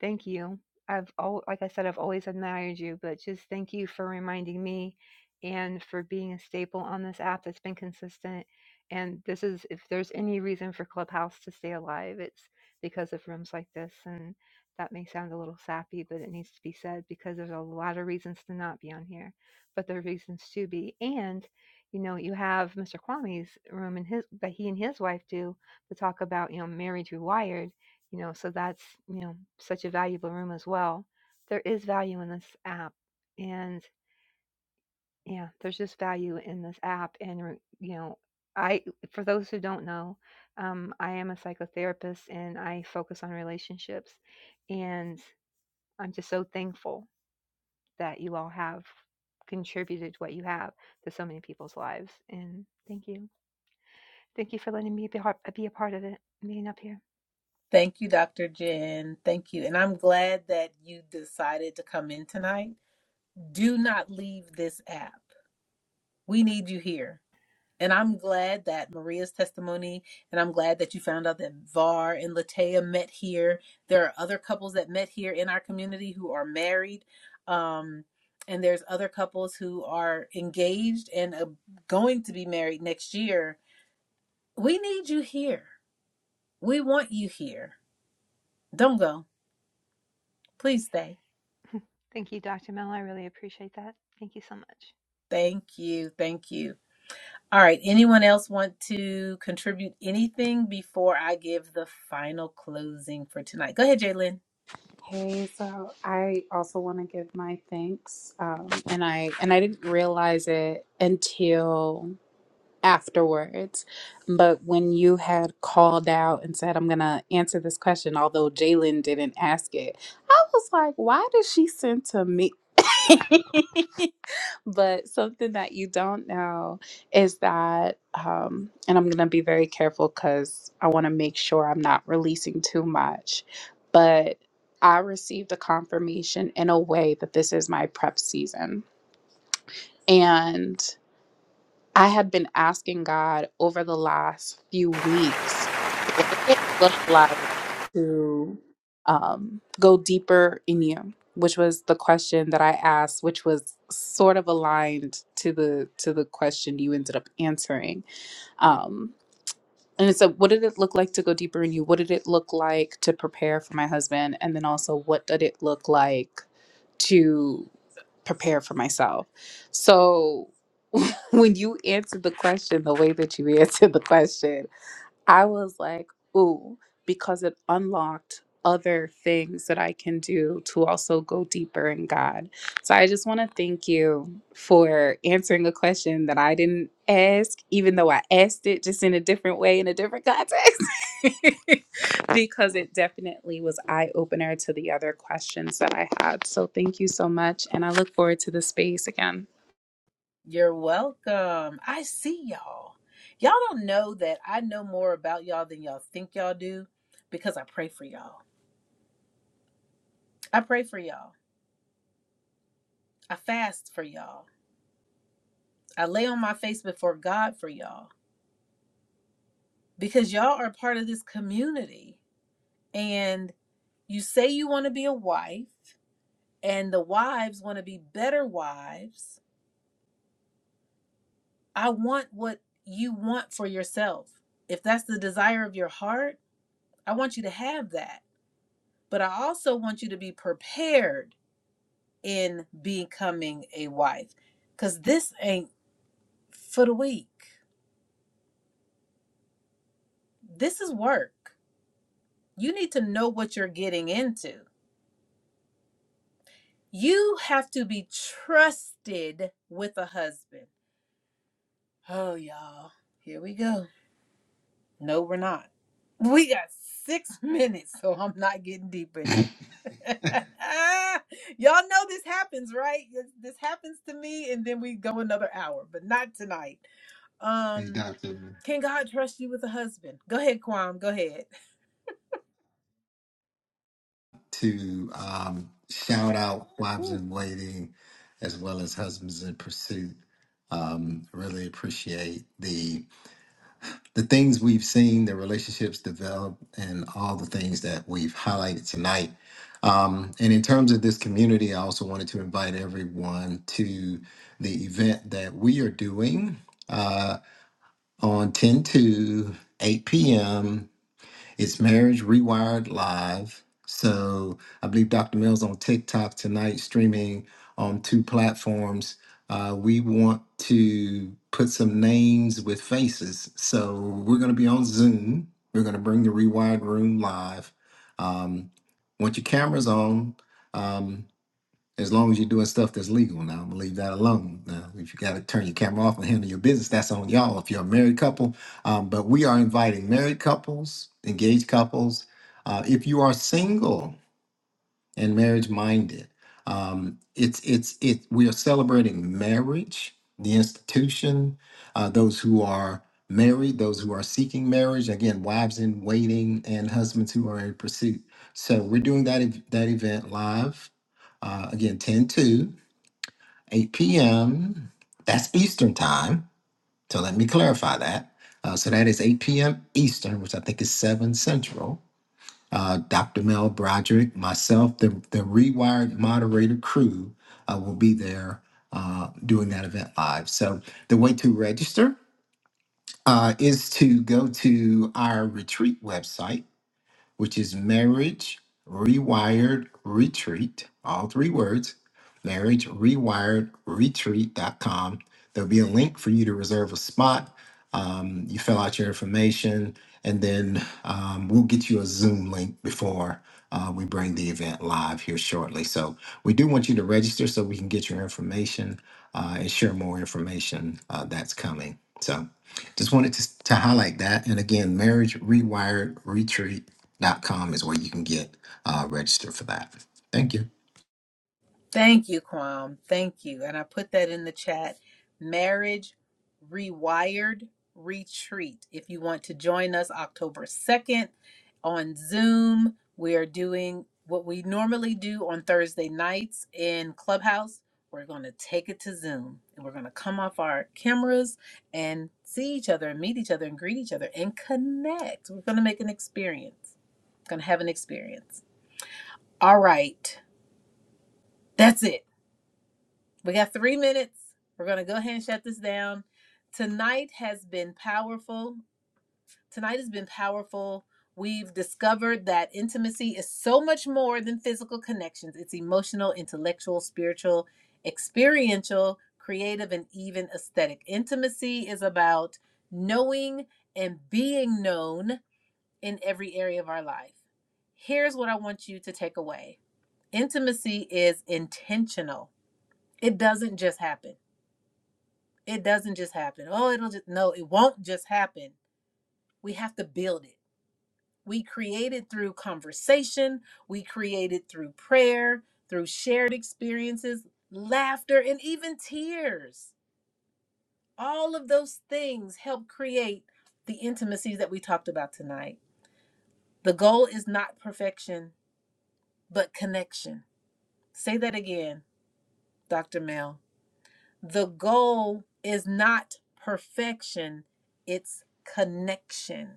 Speaker 8: Thank you. I've al- like I said, I've always admired you, but just thank you for reminding me and for being a staple on this app that's been consistent. And this is if there's any reason for Clubhouse to stay alive, it's because of rooms like this. And that may sound a little sappy, but it needs to be said because there's a lot of reasons to not be on here, but there are reasons to be. And you know, you have Mr. Kwame's room and his that he and his wife do to talk about, you know, married rewired you know so that's you know such a valuable room as well there is value in this app and yeah there's just value in this app and re- you know i for those who don't know um, i am a psychotherapist and i focus on relationships and i'm just so thankful that you all have contributed what you have to so many people's lives and thank you thank you for letting me be a, be a part of it being up here
Speaker 1: Thank you, Dr. Jen. Thank you. And I'm glad that you decided to come in tonight. Do not leave this app. We need you here. And I'm glad that Maria's testimony, and I'm glad that you found out that Var and Latea met here. There are other couples that met here in our community who are married. Um, and there's other couples who are engaged and uh, going to be married next year. We need you here. We want you here. Don't go. Please stay.
Speaker 8: thank you dr mel i really appreciate that thank you so much
Speaker 1: Thank you. Thank you. All right. Anyone else want to contribute anything before I give the final closing for tonight? Go ahead, Jalen.
Speaker 2: Okay, so I also want to give my thanks, um, and I and I didn't realize it until afterwards. But when you had called out and said, I'm going to answer this question, although Jalen didn't ask it, I was like, why did she send to me? but something that you don't know is that, um, and I'm going to be very careful because I want to make sure I'm not releasing too much, but I received a confirmation in a way that this is my prep season. and. I have been asking God over the last few weeks, look like to um, go deeper in you, which was the question that I asked, which was sort of aligned to the to the question you ended up answering. Um, and it's a, what did it look like to go deeper in you? What did it look like to prepare for my husband? And then also, what did it look like? to?" prepare for myself. So when you answered the question the way that you answered the question, I was like, ooh, because it unlocked other things that I can do to also go deeper in God. So I just want to thank you for answering a question that I didn't ask, even though I asked it just in a different way, in a different context, because it definitely was eye opener to the other questions that I had. So thank you so much. And I look forward to the space again.
Speaker 1: You're welcome. I see y'all. Y'all don't know that I know more about y'all than y'all think y'all do because I pray for y'all. I pray for y'all. I fast for y'all. I lay on my face before God for y'all because y'all are part of this community. And you say you want to be a wife, and the wives want to be better wives. I want what you want for yourself. If that's the desire of your heart, I want you to have that but I also want you to be prepared in becoming a wife because this ain't for the weak. This is work. You need to know what you're getting into. You have to be trusted with a husband. Oh, y'all, here we go. No, we're not. We got six minutes, so I'm not getting deep in this. Y'all know this happens, right? This this happens to me, and then we go another hour, but not tonight.
Speaker 4: Hey,
Speaker 1: Um,
Speaker 4: Doctor,
Speaker 1: can God trust you with a husband? Go ahead, Kwam. Go ahead.
Speaker 4: to um, shout out Wives
Speaker 1: Ooh,
Speaker 4: in Waiting as well as Husbands in Pursuit. Um, really appreciate the the things we've seen, the relationships develop, and all the things that we've highlighted tonight. Um, and in terms of this community, I also wanted to invite everyone to the event that we are doing uh, on 10 to 8 p.m. It's Marriage Rewired Live. So I believe Dr. Mill's on TikTok tonight, streaming on two platforms. Uh, we want to put some names with faces. So we're going to be on Zoom. We're going to bring the Rewired Room live. Um, once your camera's on, um, as long as you're doing stuff that's legal now, I'm gonna leave that alone. Now, if you gotta turn your camera off and handle your business, that's on y'all. If you're a married couple, um, but we are inviting married couples, engaged couples. Uh, if you are single, and marriage minded. Um, it's it's it. We are celebrating marriage, the institution, uh, those who are married, those who are seeking marriage. Again, wives in waiting and husbands who are in pursuit. So we're doing that ev- that event live. Uh, again, 10 to 8 p.m. That's Eastern time. So let me clarify that. Uh, so that is 8 p.m. Eastern, which I think is 7 Central uh, Dr. Mel Broderick, myself, the, the Rewired moderator crew uh, will be there uh, doing that event live. So the way to register uh, is to go to our retreat website which is marriage rewired retreat, all three words, marriage rewired Retreat dot com. There'll be a link for you to reserve a spot. Um, you fill out your information, and then um, we'll get you a Zoom link before uh, we bring the event live here shortly. So we do want you to register so we can get your information uh, and share more information uh, that's coming. So just wanted to, to highlight that. And again, marriage rewired dot com is where you can get uh, registered for that. Thank you.
Speaker 1: Thank you, Kwam. Thank you. And I put that in the chat. Marriage Rewired Retreat. If you want to join us October 2nd on Zoom, we are doing what we normally do on Thursday nights in Clubhouse. We're going to take it to Zoom and we're going to come off our cameras and see each other and meet each other and greet each other and connect. We're going to make an experience. Going to have an experience. All right. That's it. We got three minutes. We're going to go ahead and shut this down. Tonight has been powerful. Tonight has been powerful. We've discovered that intimacy is so much more than physical connections, it's emotional, intellectual, spiritual, experiential, creative, and even aesthetic. Intimacy is about knowing and being known in every area of our life. Here's what I want you to take away intimacy is intentional, it doesn't just happen. It doesn't just happen. Oh, it'll just, no, it won't just happen. We have to build it. We create it through conversation, we create it through prayer, through shared experiences, laughter, and even tears. All of those things help create the intimacies that we talked about tonight. The goal is not perfection, but connection. Say that again, Dr. Mel. The goal is not perfection, it's connection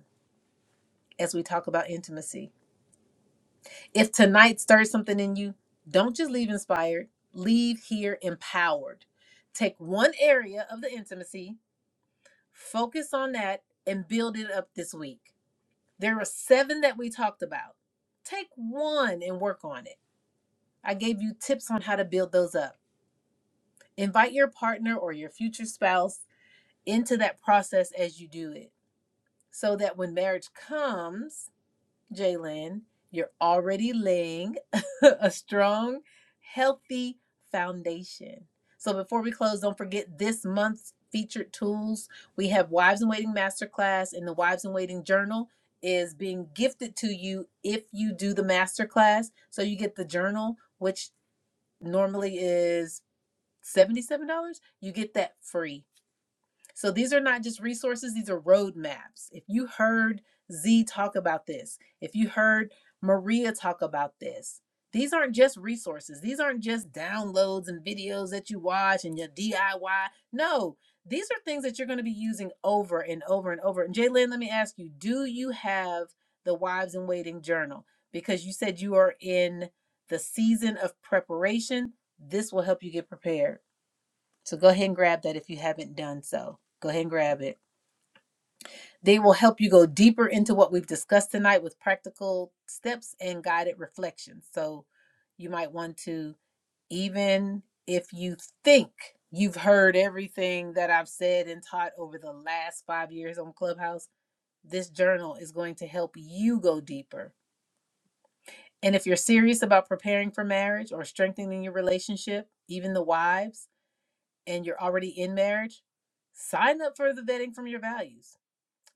Speaker 1: as we talk about intimacy. If tonight stirs something in you, don't just leave inspired, leave here empowered. Take one area of the intimacy, focus on that, and build it up this week. There are seven that we talked about. Take one and work on it. I gave you tips on how to build those up. Invite your partner or your future spouse into that process as you do it so that when marriage comes, Jalen, you're already laying a strong, healthy foundation. So before we close, don't forget this month's featured tools. We have Wives in Waiting Masterclass and the Wives in Waiting Journal is being gifted to you if you do the masterclass. So you get the journal, which normally is $77. You get that free. So these are not just resources, these are roadmaps. If you heard Z talk about this, if you heard Maria talk about this, these aren't just resources. These aren't just downloads and videos that you watch and your DIY. No, these are things that you're going to be using over and over and over. And Jaylen, let me ask you, do you have the Wives in Waiting journal? Because you said you are in the season of preparation. This will help you get prepared. So go ahead and grab that if you haven't done so. Go ahead and grab it. They will help you go deeper into what we've discussed tonight with practical steps and guided reflections. So you might want to, even if you think you've heard everything that I've said and taught over the last five years on Clubhouse, this journal is going to help you go deeper. And if you're serious about preparing for marriage or strengthening your relationship, even the wives, and you're already in marriage, sign up for the vetting from your values.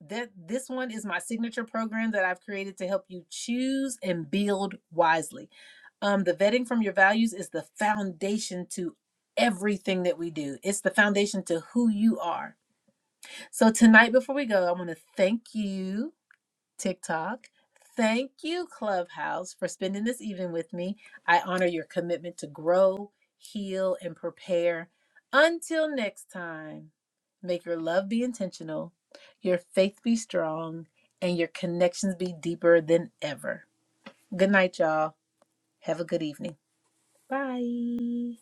Speaker 1: That this one is my signature program that I've created to help you choose and build wisely. Um, the vetting from your values is the foundation to everything that we do. It's the foundation to who you are. So tonight, before we go, I want to thank you TikTok. Thank you, Clubhouse, for spending this evening with me. I honor your commitment to grow, heal, and prepare. Until next time, make your love be intentional, your faith be strong, and your connections be deeper than ever. Good night, y'all. Have a good evening. Bye.